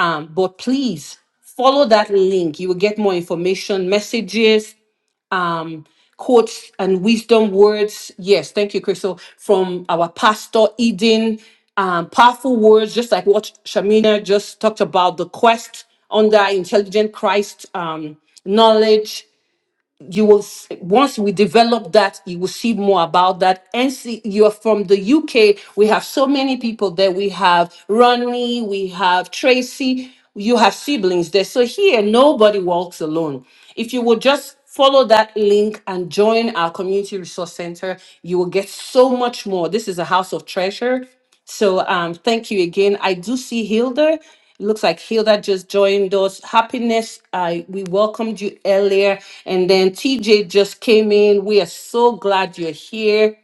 S2: um, but please follow that link you will get more information messages um, quotes and wisdom words. Yes, thank you, Crystal, from our pastor Eden. Um, powerful words, just like what Shamina just talked about the quest under intelligent Christ um, knowledge you will s- once we develop that you will see more about that and see you're from the uk we have so many people there we have ronnie we have tracy you have siblings there so here nobody walks alone if you would just follow that link and join our community resource center you will get so much more this is a house of treasure so um, thank you again. I do see Hilda. It looks like Hilda just joined us. Happiness, I we welcomed you earlier, and then TJ just came in. We are so glad you're here.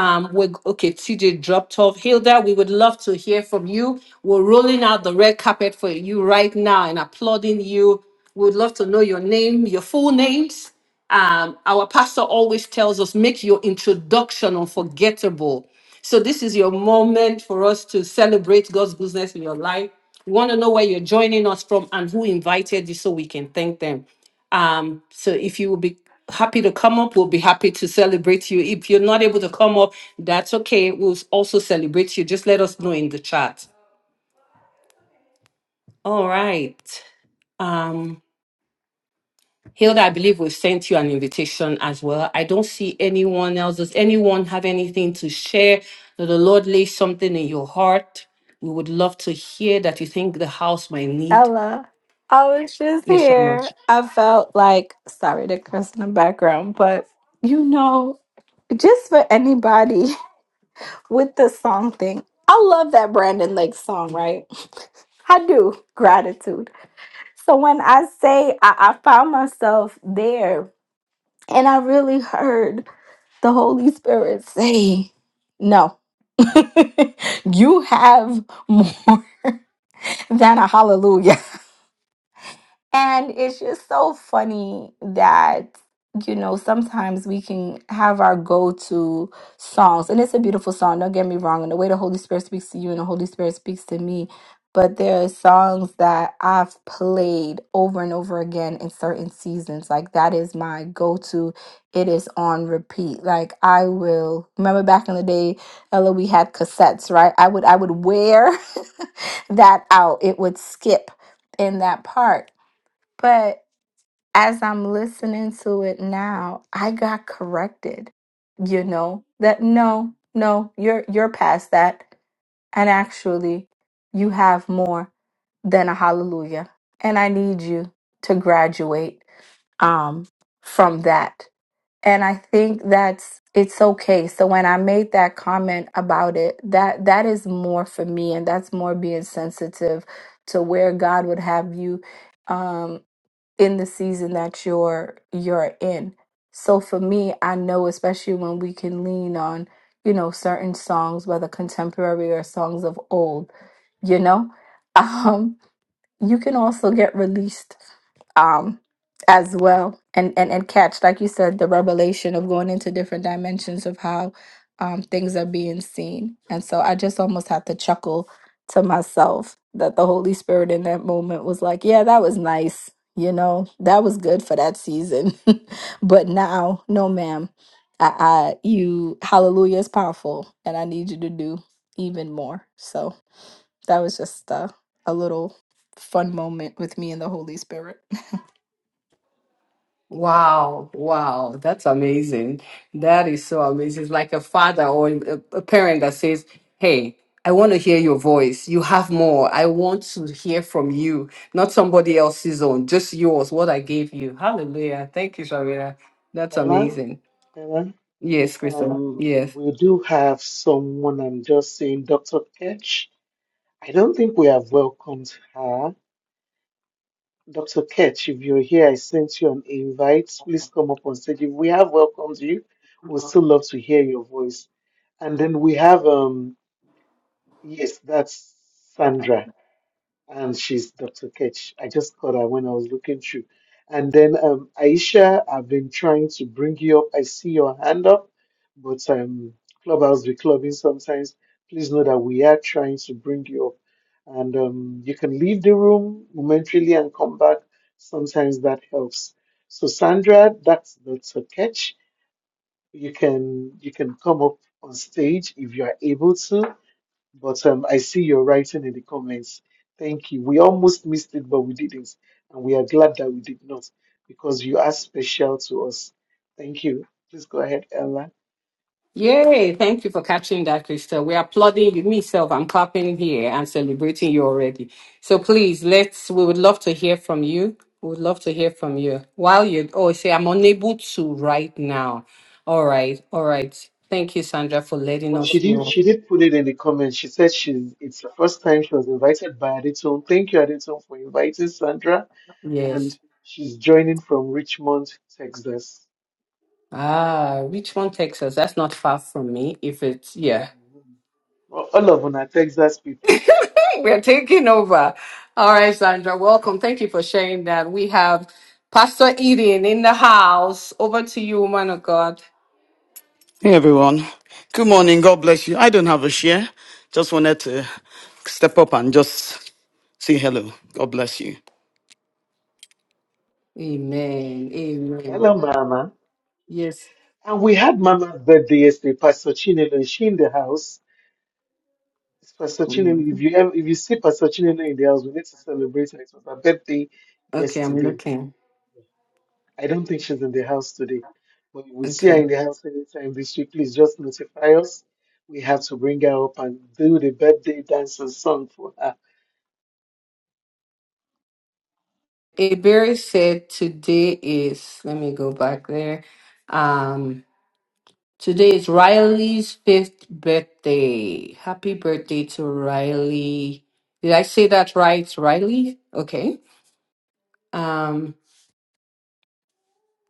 S2: Um, we okay, TJ dropped off. Hilda, we would love to hear from you. We're rolling out the red carpet for you right now and applauding you. We would love to know your name, your full names. Um, our pastor always tells us make your introduction unforgettable. So this is your moment for us to celebrate God's goodness in your life. We want to know where you're joining us from and who invited you so we can thank them. Um, so if you will be happy to come up, we'll be happy to celebrate you. If you're not able to come up, that's okay. We'll s- also celebrate you. Just let us know in the chat. All right. Um, Hilda, I believe we've sent you an invitation as well. I don't see anyone else. Does anyone have anything to share? That the Lord lay something in your heart? We would love to hear that you think the house might need.
S1: Ella, I was just
S2: Yes, Shamma.
S1: here. I felt like, sorry to curse in the background, but you know, just for anybody with the song thing, I love that Brandon Lake song, right? I do. Gratitude. So when I say I, I found myself there and I really heard the Holy Spirit say, no, you have more than a hallelujah. And it's just so funny that, you know, sometimes we can have our go to songs. And it's a beautiful song, don't get me wrong. And the way the Holy Spirit speaks to you and the Holy Spirit speaks to me. But there are songs that I've played over and over again in certain seasons. Like that is my go to. It is on repeat. Like I will remember back in the day, Ella, we had cassettes, right? I would I would wear that out. It would skip in that part but as I'm listening to it now, I got corrected. You know that no, no, you're you're past that, and actually, you have more than a hallelujah, and I need you to graduate um, from that. And I think that's it's okay. So when I made that comment about it, that that is more for me, and that's more being sensitive to where God would have you. Um, in the season that you're you're in. So for me, I know especially when we can lean on, you know, certain songs, whether contemporary or songs of old, you know, um, you can also get released um as well and and and catch like you said the revelation of going into different dimensions of how um things are being seen and so i just almost had to chuckle to myself that the holy spirit in that moment was like yeah that was nice you know that was good for that season but now no ma'am I, I you hallelujah is powerful and i need you to do even more so that was just uh, a little fun moment with me and the holy spirit
S2: Wow, wow, that's amazing. That is so amazing. It's like a father or a a parent that says, Hey, I want to hear your voice. You have more. I want to hear from you, not somebody else's own, just yours, what I gave you. Hallelujah. Thank you, Shamira. That's
S5: Ella,
S2: amazing.
S5: Ella,
S2: Yes, Krista.
S5: um,
S2: Yes.
S5: we do have someone, I'm just saying, Dr. Ketch. I don't think we have welcomed her. Dr. Ketch, if you're here, I sent you an invite. Please come up on stage. If we have welcomed you, we'd still love to hear your voice. And then we have, um, yes, that's Sandra and she's Dr. Ketch. I just caught her when I was looking through. And then um, Aisha, I've been trying to bring you up. I see your hand up, but um, Clubhouse be clubbing sometimes. Please know that we are trying to bring you up. And um, you can leave the room momentarily and come back. Sometimes that helps. So Sandra, that's Dr. Ketch. You can you can come up on stage if you are able to but um, I see your writing in the comments. Thank you. We almost missed it, but we didn't. And we are glad that we did not because you are special to us. Thank you. Please go ahead, Ella.
S2: Yay! Thank you for catching that, Crystal. We are applauding you, myself. I'm clapping here and celebrating you already. So please, let's. We would love to hear from you. We would love to hear from you. While you, oh, you say I'm unable to right now. All right, all right. Thank you, Sandra, for letting
S5: But she
S2: us
S5: did
S2: know.
S5: she did put it in the comments. She said she's it's the first time she was invited by Aditone. Thank you, Aditone, for inviting Sandra. And
S2: Yes.
S5: she's joining from Richmond, Texas.
S2: Ah, Richmond, Texas. That's not far from me. If it's yeah.
S5: Mhm. Well, all of una Texas people.
S2: We're taking over. All right, Sandra, welcome. Thank you for sharing that. We have Pastor Eden in the house. Over to you, woman of God.
S7: Hey everyone. Good morning. God bless you. I don't have a share. Just wanted to step up and just say hello. God bless you.
S2: Amen. Amen.
S5: Hello, Mama.
S2: Yes.
S5: And we had Mama's birthday yesterday, Pastor Chinelo. Is she in the house? It's Pastor
S2: Mm.
S5: Chinelo. If you ever, if you see Pastor Chinelo in the house, we need to celebrate her. It was her birthday
S2: Okay, I'm
S5: yesterday.
S2: looking.
S5: I don't think she's in the house today. But if we see her
S2: Okay.
S5: in the house anytime this week, please just notify us. We have to bring her up and do the birthday dance and song for her.
S2: Iberia said today is, let me go back there. Um, today is Riley's fifth birthday. Happy birthday to Riley. Did I say that right, Riley? Okay. Um,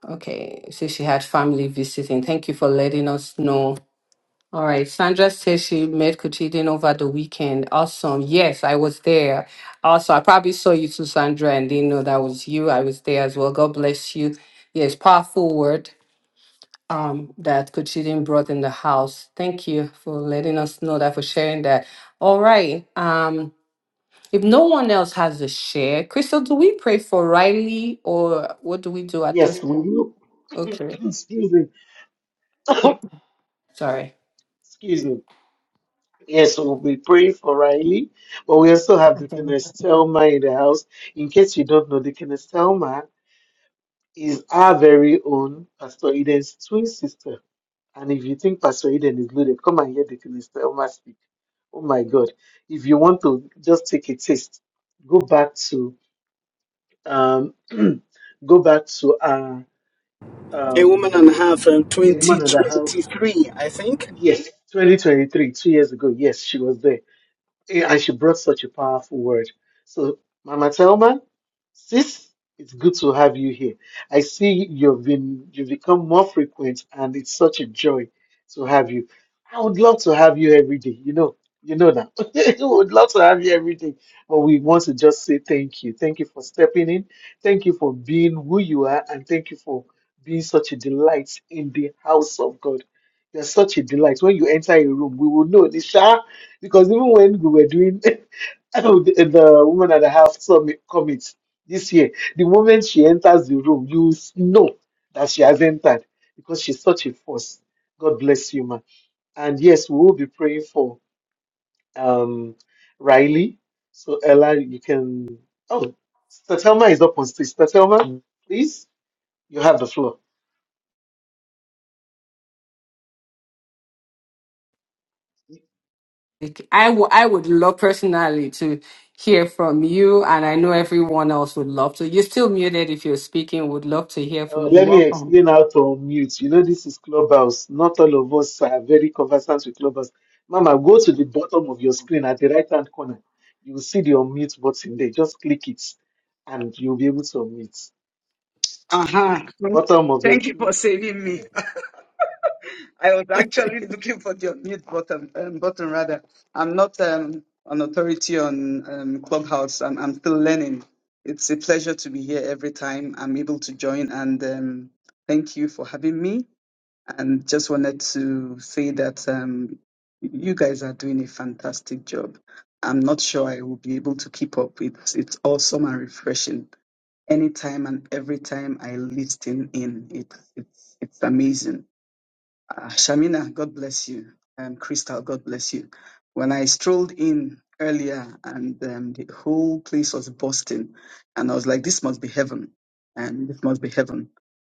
S2: Okay, so she had family visiting. Thank you for letting us know. All right, Sandra says she met Kuchidin over the weekend. Awesome. Yes, I was there. Also, I probably saw you too, Sandra, and didn't know that was you. I was there as well. God bless you. Yes, powerful word um, that Kuchidin brought in the house. Thank you for letting us know that, for sharing that. All right. Um, if no one else has a share, Crystal, do we pray for Riley or what do we do at this
S5: Yes, we
S2: point?
S5: will.
S2: Okay,
S5: Excuse me.
S2: sorry.
S5: Excuse me. Yes, we'll be praying for Riley, but we also have the Kenestelma in the house. In case you don't know, the Kenestelma is our very own Pastor Eden's twin sister. And if you think Pastor Eden is loaded, come and hear the Philistine Elmer speak. Oh my God. If you want to just take a taste, go back to um go back to uh
S7: a woman
S5: um
S7: and a half from
S5: a woman of the house.
S7: 2023, I think.
S5: Yes, 2023, two years ago. Yes, she was there. Yeah, and she brought such a powerful word. So, Mama Thelma, sis, it's good to have you here. I see you've been you've become more frequent, and it's such a joy to have you. I would love to have you every day. You know, you know that. I would love to have you every day, but we want to just say thank you. Thank you for stepping in. Thank you for being who you are, and thank you for being such a delight in the house of God. You're such a delight. When you enter a room, we will know, Nisha. Because even when we were doing the, the woman and a half summit commit this year, the moment she enters the room, you s- know that she has entered because she's such a force. God bless you, ma. And yes, we will be praying for um Riley. So Ella, you can. Oh, Statelma is up on stage. Statelma, please, you have the floor.
S2: Like, I wou- I would love personally to hear from you, and I know everyone else would love to. You're still muted if you're speaking. Would love to hear from
S5: Uh,
S2: you.
S5: let me
S2: Welcome.
S5: explain how to unmute. You know, this is Clubhouse. Not all of us are very conversant with Clubhouse. Mama, go to the bottom of your screen at the right hand corner. You will see the unmute button there. Just click it and you'll be able to unmute.
S8: Uh-huh.
S5: Bottom of the
S8: Thank you for
S5: screen.
S8: saving me. I was actually looking for the unmute button, um, button rather. I'm not um, an authority on um, Clubhouse. I'm, I'm still learning. It's a pleasure to be here every time I'm able to join. And um, thank you for having me. And just wanted to say that um, you guys are doing a fantastic job. I'm not sure I will be able to keep up. It's, it's awesome and refreshing anytime and every time I listen in. It's it's it's amazing. Uh, Shamina, God bless you, Um, Crystal, God bless you. When I strolled in earlier, and um, the whole place was bursting, and I was like, "This must be heaven, and this must be heaven."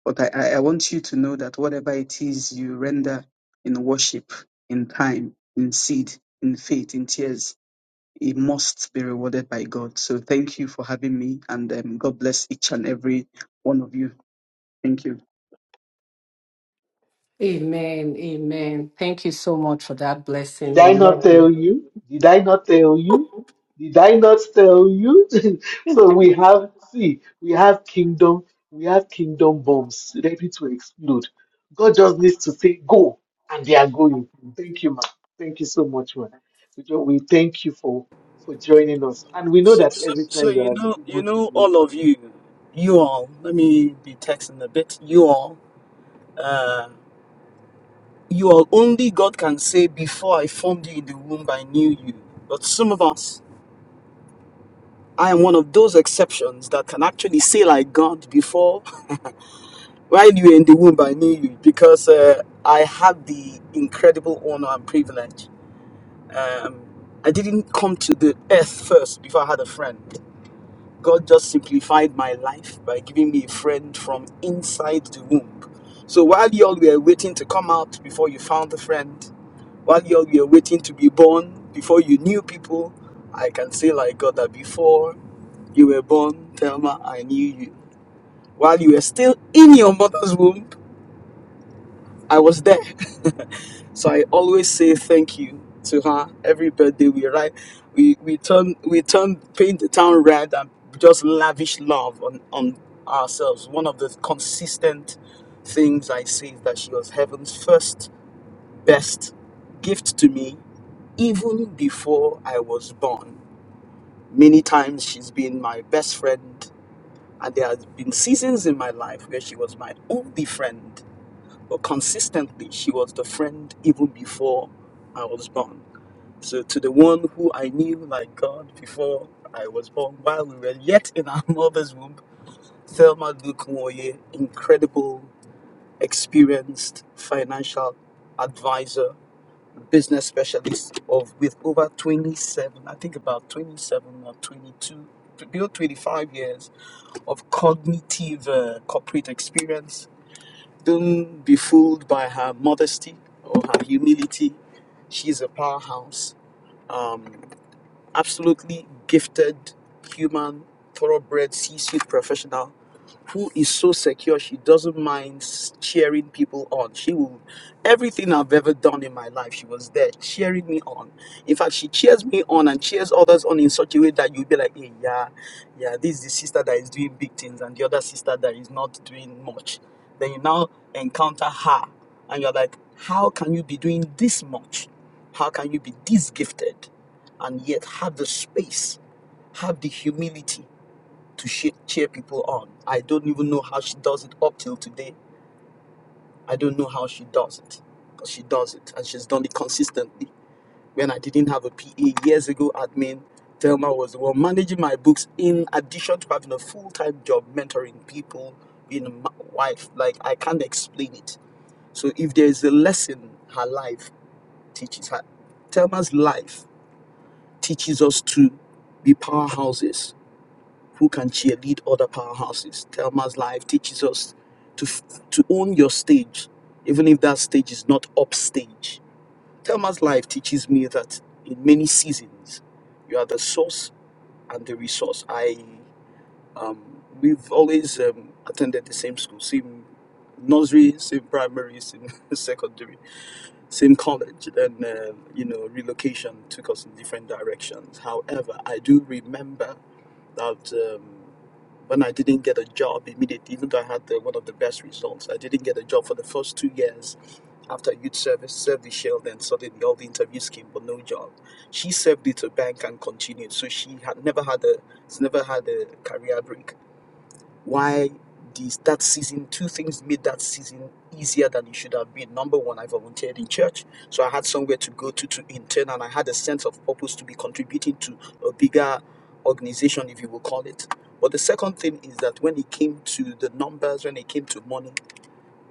S8: But I, I I want you to know that whatever it is you render in worship, in time, in seed, in faith, in tears, it must be rewarded by God. So thank you for having me, and um, God bless each and every one of you. Thank you.
S2: Amen. Amen. Thank you so much for that
S5: Did
S2: blessing.
S5: I
S2: We
S5: not
S2: love
S5: tell
S2: you.
S5: you? Did I not tell you? Did I not tell you? so we have, see, we have kingdom, we have kingdom bombs ready to explode. God just needs to say, go, and they are going. Thank you, man. Thank you so much, man. We, do- we thank you for, for joining us. And we know
S7: So,
S5: that
S7: so,
S5: every time
S7: so
S5: you
S7: you
S5: are
S7: know, you
S5: able to,
S7: know,
S5: you
S7: all
S5: come.
S7: of you, you all. Let me be texting a bit. You all, uh, you all. Only God can say, "Before I formed you in the womb, I knew you." But some of us, I am one of those exceptions that can actually say like God before. while you were in the womb, I knew you because uh, I had the incredible honor and privilege. Um, I didn't come to the earth first before I had a friend. God just simplified my life by giving me a friend from inside the womb. So while y'all were waiting to come out before you found a friend, while y'all were waiting to be born before you knew people, I can say like God that before you were born, Thelma, I knew you. While you were still in your mother's womb, I was there. so I always say thank you to her every birthday we write we we turn we turn paint the town red and just lavish love on, on ourselves. One of the consistent things I say is that she was heaven's first best gift to me even before I was born. Many times she's been my best friend and there have been seasons in my life where she was my only friend but consistently, she was the friend even before I was born. So, to the one who I knew like God before I was born, while we were yet in our mother's womb, Thelma Dukunwoye, incredible, experienced financial advisor, business specialist of with over 27, I think about 27 or 22, below 25 years of cognitive uh, corporate experience don't be fooled by her modesty or her humility. She's a powerhouse. Um, absolutely gifted human thoroughbred c-suite professional who is so secure she doesn't mind cheering people on she will everything i've ever done in my life she was there cheering me on in fact she cheers me on and cheers others on in such a way that you'll be like hey yeah yeah this is the sister that is doing big things and the other sister that is not doing much then you now encounter her and you're like how can you be doing this much how can you be this gifted and yet have the space, have the humility to shea- cheer people on. I don't even know how she does it up till today. I don't know how she does it, but she does it, and she's done it consistently. When I didn't have a PA years ago, admin Thelma was the one managing my books. In addition to having a full-time job mentoring people, being a ma- wife, like I can't explain it. So if there is a lesson her life teaches her, Thelma's life teaches us to be powerhouses who can cheerlead other powerhouses. Thelma's life teaches us to to own your stage, even if that stage is not upstage. Thelma's life teaches me that in many seasons, you are the source and the resource. I um, we've always um, attended the same school, same nursery, same primary, same secondary, same college. Then uh, you know relocation took us in different directions. However, I do remember that um, when I didn't get a job immediately, even though I had the, one of the best results, I didn't get a job for the first two years after youth service, served the shell, then suddenly all the interviews came, but no job. She served it to bank and continued. So she had never had a, never had a career break why this that season two things made that season easier than it should have been number one i volunteered in church so i had somewhere to go to to intern and i had a sense of purpose to be contributing to a bigger organization if you will call it but the second thing is that when it came to the numbers when it came to money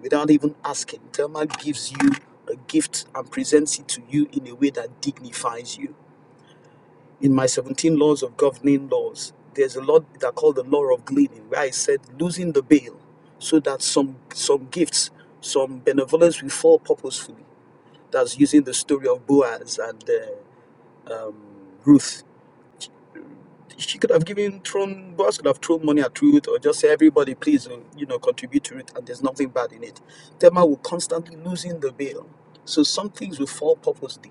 S7: without even asking thelma gives you a gift and presents it to you in a way that dignifies you in my 17 laws of governing laws, there's a law that I call the law of gleaning, where I said losing the bail so that some some gifts, some benevolence will fall purposefully. That's using the story of Boaz and uh, um, Ruth. She could have given thrown Boaz could have thrown money at Ruth or just say everybody please uh, you know contribute to it and there's nothing bad in it. Tema will constantly losing the bail. So some things will fall purposely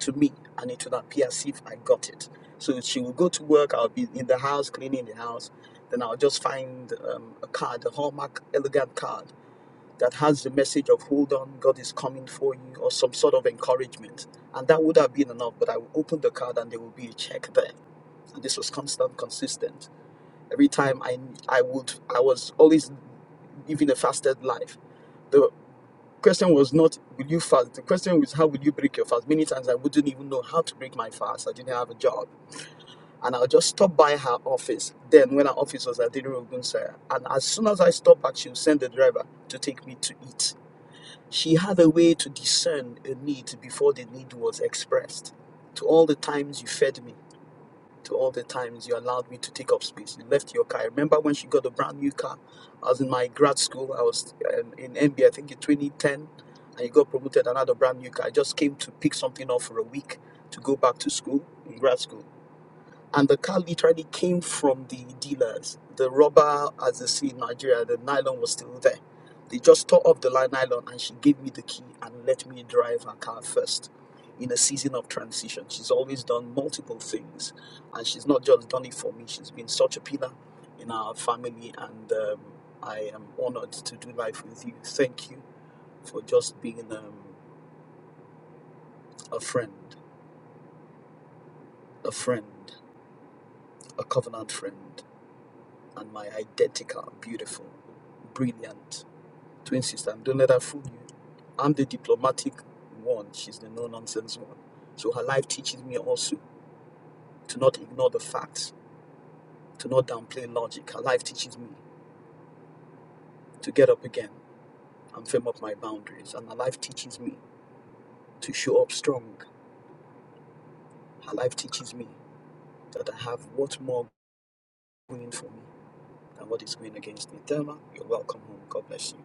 S7: to me and it would appear as if I got it. So she would go to work, I'll be in the house, cleaning the house, then I'll just find um, a card, a Hallmark elegant card that has the message of hold on, God is coming for you, or some sort of encouragement. And that would have been enough, but I would open the card and there would be a check there. And this was constant, consistent. Every time I, I would, I was always living a fasted life. The question was not will you fast the question was how will you break your fast many times i wouldn't even know how to break my fast i didn't have a job and i'll just stop by her office then when her office was at Didero Ogunsa, and as soon as i stopped back she would send the driver to take me to eat she had a way to discern a need before the need was expressed to all the times you fed me to all the times you allowed me to take up space. You left your car. I remember when she got a brand new car. I was in my grad school. I was um, in MBA, I think in 2010, and you got promoted another brand new car. I just came to pick something up for a week to go back to school in grad school and the car literally came from the dealers. The rubber, as they see in Nigeria, the nylon was still there. They just tore off the li- nylon, and she gave me the key and let me drive her car first. In a season of transition, she's always done multiple things, and she's not just done it for me. She's been such a pillar in our family, and um, I am honored to do life with you. Thank you for just being um, a friend, a friend, a covenant friend. and my identical, beautiful, brilliant twin sister. Don't let her fool you. I'm the diplomatic one. She's the no nonsense one. So her life teaches me also to not ignore the facts, to not downplay logic. Her life teaches me to get up again and firm up my boundaries. And her life teaches me to show up strong. Her life teaches me that I have what more going for me than what is going against me. Thelma, you're welcome home. God bless you.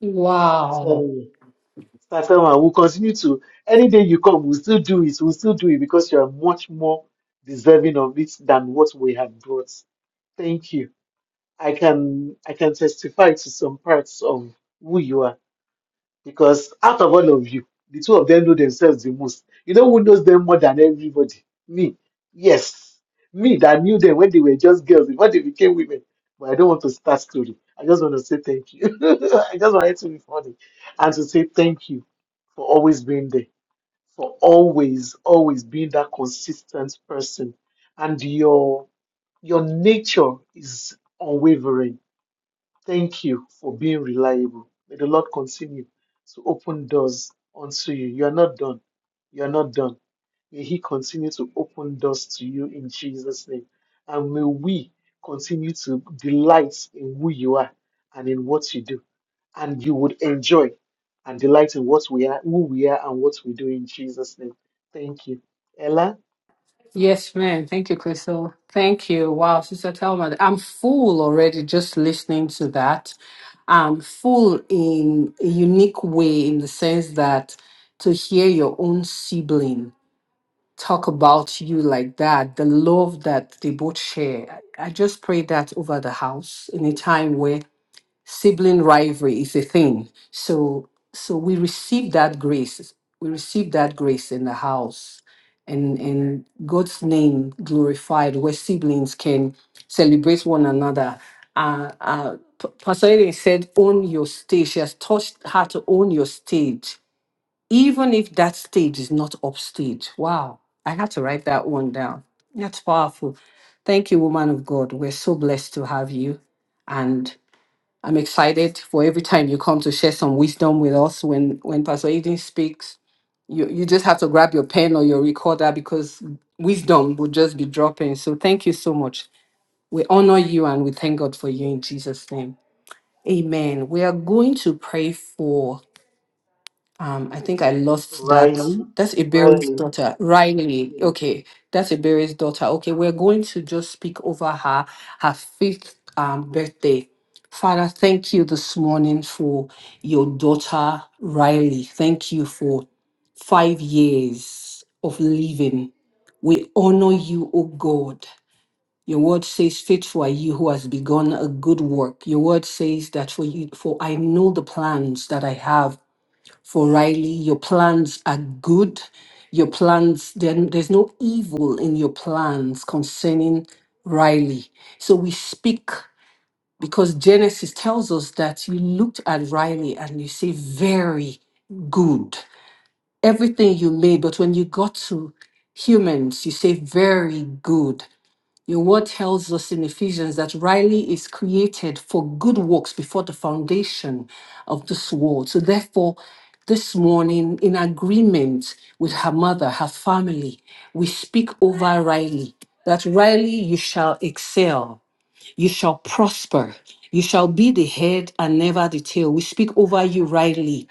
S2: Wow.
S5: Satama, we'll continue to any day you come, we'll still do it. We'll still do it because you are much more deserving of it than what we have brought. Thank you. I can I can testify to some parts of who you are because out of all of you, the two of them know themselves the most. You know who knows them more than everybody? Me. Yes. Me that knew them when they were just girls before they became women. But I don't want to start story. I just want to say thank you. I just wanted to be funny and to say thank you for always being there, for always, always being that consistent person. And your your nature is unwavering Thank you for being reliable. May the Lord continue to open doors unto you. You are not done. You are not done. May He continue to open doors to you in Jesus' name. And may we continue to delight in who you are and in what you do. And you would enjoy and delight in what we are, who we are, and what we do in Jesus' name. Thank you. Ella,
S2: Yes, ma'am. Thank you, Crystal. Thank you. Wow, Sister Thelma, I'm full already just listening to that. I'm full in a unique way in the sense that to hear your own sibling talk about you like that, the love that they both share. I I just pray that over the house in a time where sibling rivalry is a thing. So so we receive that grace. We receive that grace in the house and and God's name glorified where siblings can celebrate one another. Uh, uh, P- Pastor Eden said, own your stage. She has taught her to own your stage even if that stage is not upstage. Wow, I had to write that one down. That's powerful. Thank you, woman of God. We're so blessed to have you. And I'm excited for every time you come to share some wisdom with us when, when Pastor Eden speaks. You, you just have to grab your pen or your recorder because wisdom will just be dropping. So thank you so much. We honor you and we thank God for you in Jesus' name. Amen. We are going to pray for um, I think I lost that.
S5: Riley,
S2: That's Iberi's
S5: Riley.
S2: daughter, Riley.
S5: Yes,
S2: Okay, that's Iberi's daughter. Okay, we're going to just speak over her, her fifth um, birthday. Father, thank you this morning for your daughter, Riley. Thank you for five years of living. We honor you, O God. Your word says, Faithful are you who has begun a good work. Your word says that for you, for I know the plans that I have for Riley. Your plans are good. Your plans, then there's no evil in your plans concerning Riley. So we speak because Genesis tells us that you looked at Riley and you say, very good. Everything you made, but when you got to humans, you say, very good. Your word tells us in Ephesians that Riley is created for good works before the foundation of this world. So, therefore, this morning, in agreement with her mother, her family, we speak over Riley that Riley, you shall excel, you shall prosper, you shall be the head and never the tail. We speak over you, Riley,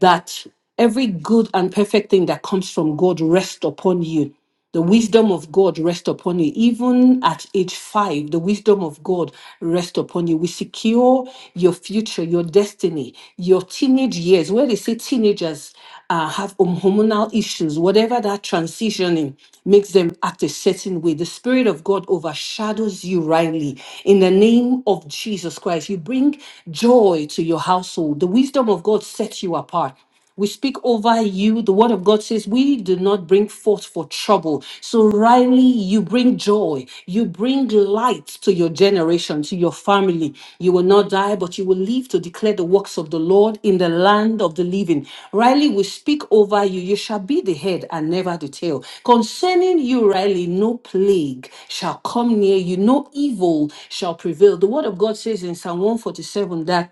S2: that every good and perfect thing that comes from God rests upon you the wisdom of God rest upon you. Even at age five, the wisdom of God rest upon you. We secure your future, your destiny, your teenage years, where they say teenagers uh, have hom- hormonal issues, whatever that transitioning makes them act a certain way. The Spirit of God overshadows you rightly. In the name of Jesus Christ, you bring joy to your household. The wisdom of God sets you apart. We speak over you. The word of God says, We do not bring forth for trouble. So, Riley, you bring joy. You bring light to your generation, to your family. You will not die, but you will live to declare the works of the Lord in the land of the living. Riley, we speak over you. You shall be the head and never the tail. Concerning you, Riley, no plague shall come near you, no evil shall prevail. The word of God says in Psalm 147 that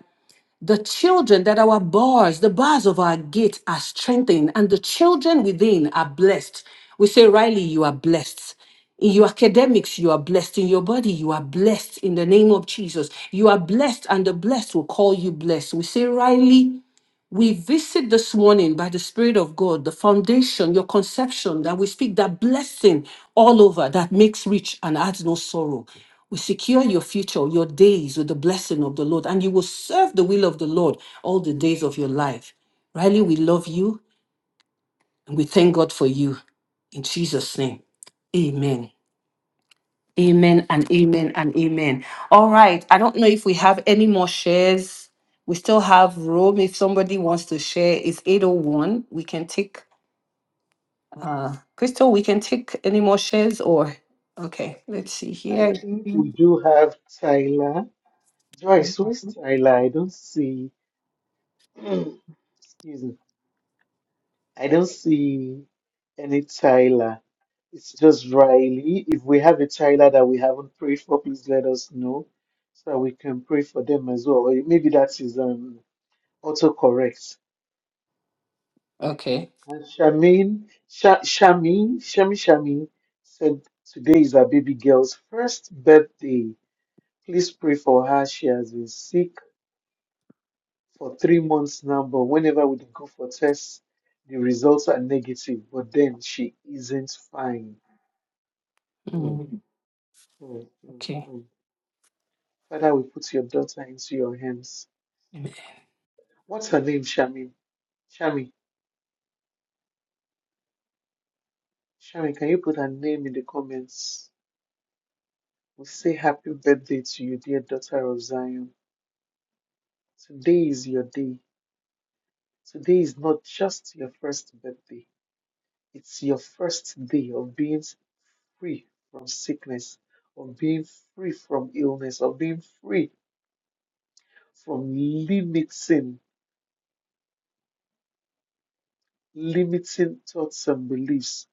S2: the children that our bars, the bars of our gate are strengthened, and the children within are blessed. We say, Riley, you are blessed. In your academics, you are blessed. In your body, you are blessed. In the name of Jesus, you are blessed, and the blessed will call you blessed. We say, Riley, we visit this morning by the Spirit of God, the foundation, your conception, that we speak that blessing all over that makes rich and adds no sorrow. We secure your future, your days with the blessing of the Lord, and you will serve the will of the Lord all the days of your life. Riley, we love you and we thank God for you. In Jesus' name, amen. Amen and amen and amen. All right. I don't know if we have any more shares. We still have room. If somebody wants to share, it's 801. We can take uh Crystal, we can take any more shares or okay, let's see
S5: I
S2: here.
S5: think we do have Tyler. Joyce, where's Tyler? I don't see, excuse me, I don't see any Tyler. It's just Riley. If we have a Tyler that we haven't prayed for, please let us know so that we can pray for them as well. Or maybe that is um, autocorrect.
S2: Okay.
S5: And Shamin, Sha Shamin, Shami Shamin said today is our baby girl's first birthday. Please pray for her. She has been sick for three months now, but whenever we go for tests, the results are negative, but then she isn't fine. Mm,
S2: Mm,
S5: mm, mm,
S2: okay.
S5: mm. Father, we put your daughter into your hands.
S2: Amen.
S5: What's her name, Shami? Shami, Shami, can you put her name in the comments? We say happy birthday to you, dear daughter of Zion. Today is your day. Today is not just your first birthday. It's your first day of being free from sickness, of being free from illness, of being free from limiting. limiting thoughts and beliefs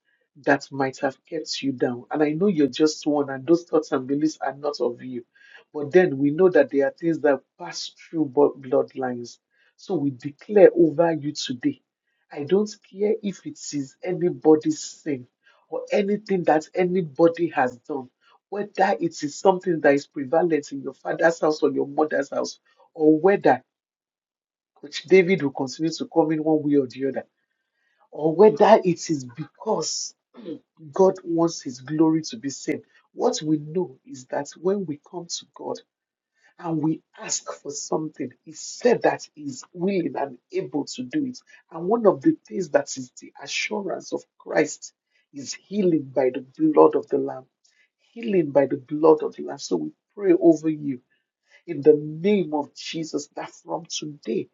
S5: that might have kept you down. And I know you're just one, and those thoughts and beliefs are not of you. But then we know that there are things that pass through bo- bloodlines. So we declare over you today. I don't care if it is anybody's sin or anything that anybody has done, whether it is something that is prevalent in your father's house or your mother's house, or whether which David will continue to come in one way or the other or whether it is because God wants His glory to be seen. What we know is that when we come to God and we ask for something, He said that He's willing and able to do it. And one of the things that is the assurance of Christ is healing by the blood of the Lamb. Healing by the blood of the Lamb. So we pray over you in the name of Jesus that from today,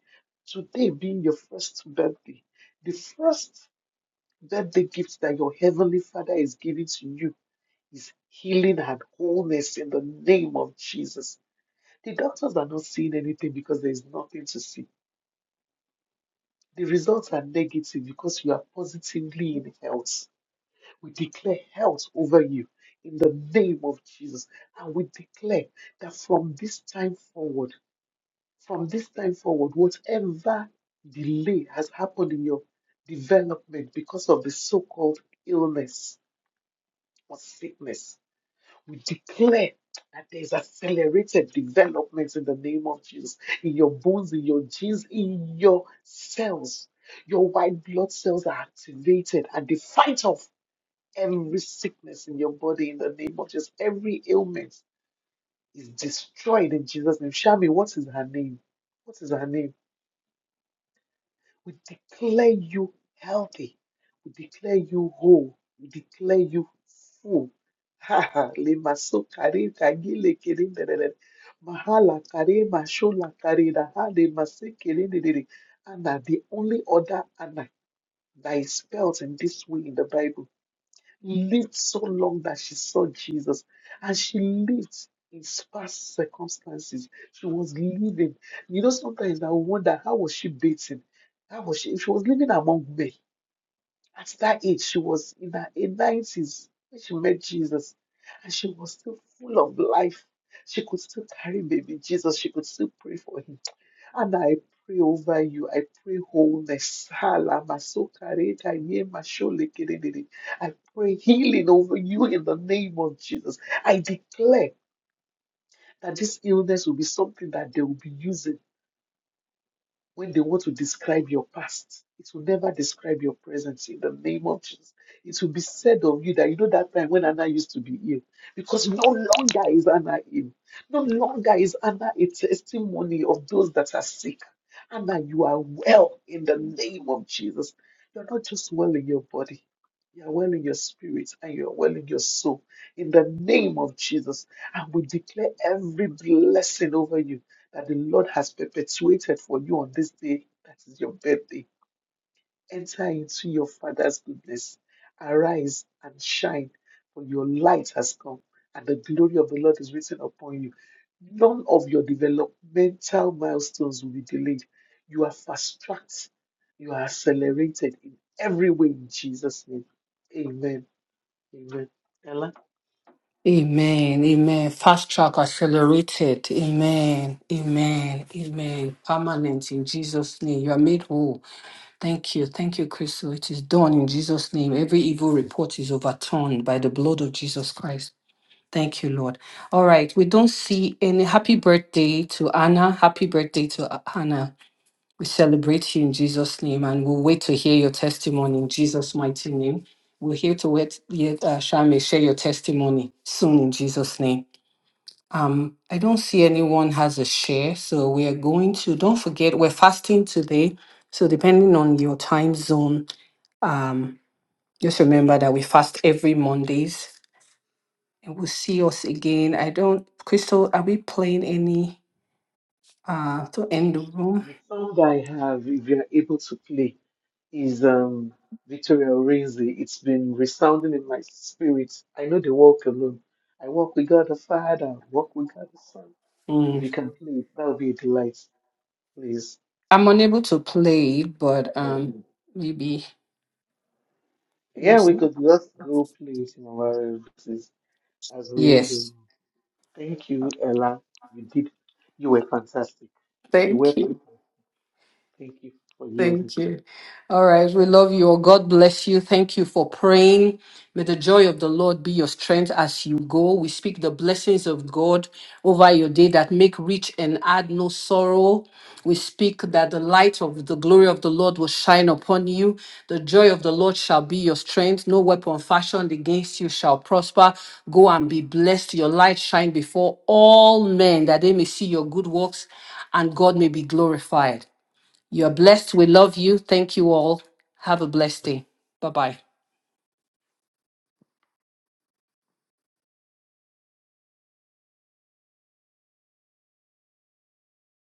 S5: today being your first birthday, the first that the gift that your heavenly Father is giving to you is healing and wholeness in the name of Jesus. The doctors are not seeing anything because there is nothing to see. The results are negative because you are positively in health. We declare health over you in the name of Jesus. And we declare that from this time forward, from this time forward, whatever delay has happened in your development because of the so called illness or sickness, We declare that there's accelerated development in the name of Jesus, in your bones, in your genes, in your cells. Your white blood cells are activated and they fight off every sickness in your body in the name of Jesus. Every ailment is destroyed in Jesus' name. Shami, what is her name? What is her name? We declare you healthy. We declare you whole. We declare you full. Ha ha. Le so kare kagile kere derere. Mahala kare mashola kare da ha de masi kere derere. Anna, the only other Anna that is spelled in this way in the Bible lived so long that she saw Jesus and she lived in sparse circumstances. She was living. You know, sometimes I wonder how was she dating? How was she? She was living among men. At that age, she was in her nineties when she met Jesus, and she was still full of life. She could still carry baby Jesus. She could still pray for him and I pray over you. I pray wholeness. Hala masokareta I pray healing over you in the name of Jesus. I declare that this illness will be something that they will be using. When they want to describe your past, it will never describe your present. in the name of Jesus. It will be said of you that you know that time when Anna used to be ill, because no longer is Anna ill. No longer is Anna a testimony of those that are sick. Anna, you are well in the name of Jesus. You're not just well in your body, you're well in your spirit and you're well in your soul in the name of Jesus. And we declare every blessing over you that the Lord has perpetuated for you on this day that is your birthday. Enter into your Father's goodness. Arise and shine, for your light has come, and the glory of the Lord is risen upon you. None of your developmental milestones will be delayed. You are fast tracked, you are accelerated in every way in Jesus' name. Amen. Amen. Ella,
S2: Amen. Amen. Fast track accelerated. Amen. Amen. Amen. Permanent in Jesus' name. You are made whole. Thank you. Thank you, Crystal. It is done in Jesus' name. Every evil report is overturned by the blood of Jesus Christ. Thank you, Lord. All right. We don't see any happy birthday to Anna. Happy birthday to A- Anna. We celebrate you in Jesus' name and we'll wait to hear your testimony in Jesus' mighty name. We're here to wait, yet, uh, Shame, share your testimony soon in Jesus' name. Um, I don't see anyone has a share, so we are going to, don't forget, we're fasting today. So depending on your time zone, um, just remember that we fast every Mondays, and we'll see us again. I don't, Crystal, are we playing any uh to end the room?
S5: the song I have, if you are able to play. is um, Victoria Orenzi. It's been resounding in my spirit. I know they walk alone. I walk with God the Father, walk with God the Son. If you
S2: Mm.
S5: can play it, that would be a delight, please.
S2: I'm unable to play, but
S5: Oh,
S2: um, maybe. let me
S5: Yeah,
S2: see.
S5: we could just go play it in our voices as we end the
S2: Yes,
S5: room. Thank you, Ella. You did. You were fantastic. You were
S2: thank you.
S5: fantastic. Thank you for yielding.
S2: Thank you. All right. We love you. all. God bless you. Thank you for praying. May the joy of the Lord be your strength as you go. We speak the blessings of God over your day that make rich and add no sorrow. We speak that the light of the glory of the Lord will shine upon you. The joy of the Lord shall be your strength. No weapon fashioned against you shall prosper. Go and be blessed. Your light shine before all men that they may see your good works and God may be glorified. You're blessed. We love you. Thank you all. Have a blessed day. Bye bye.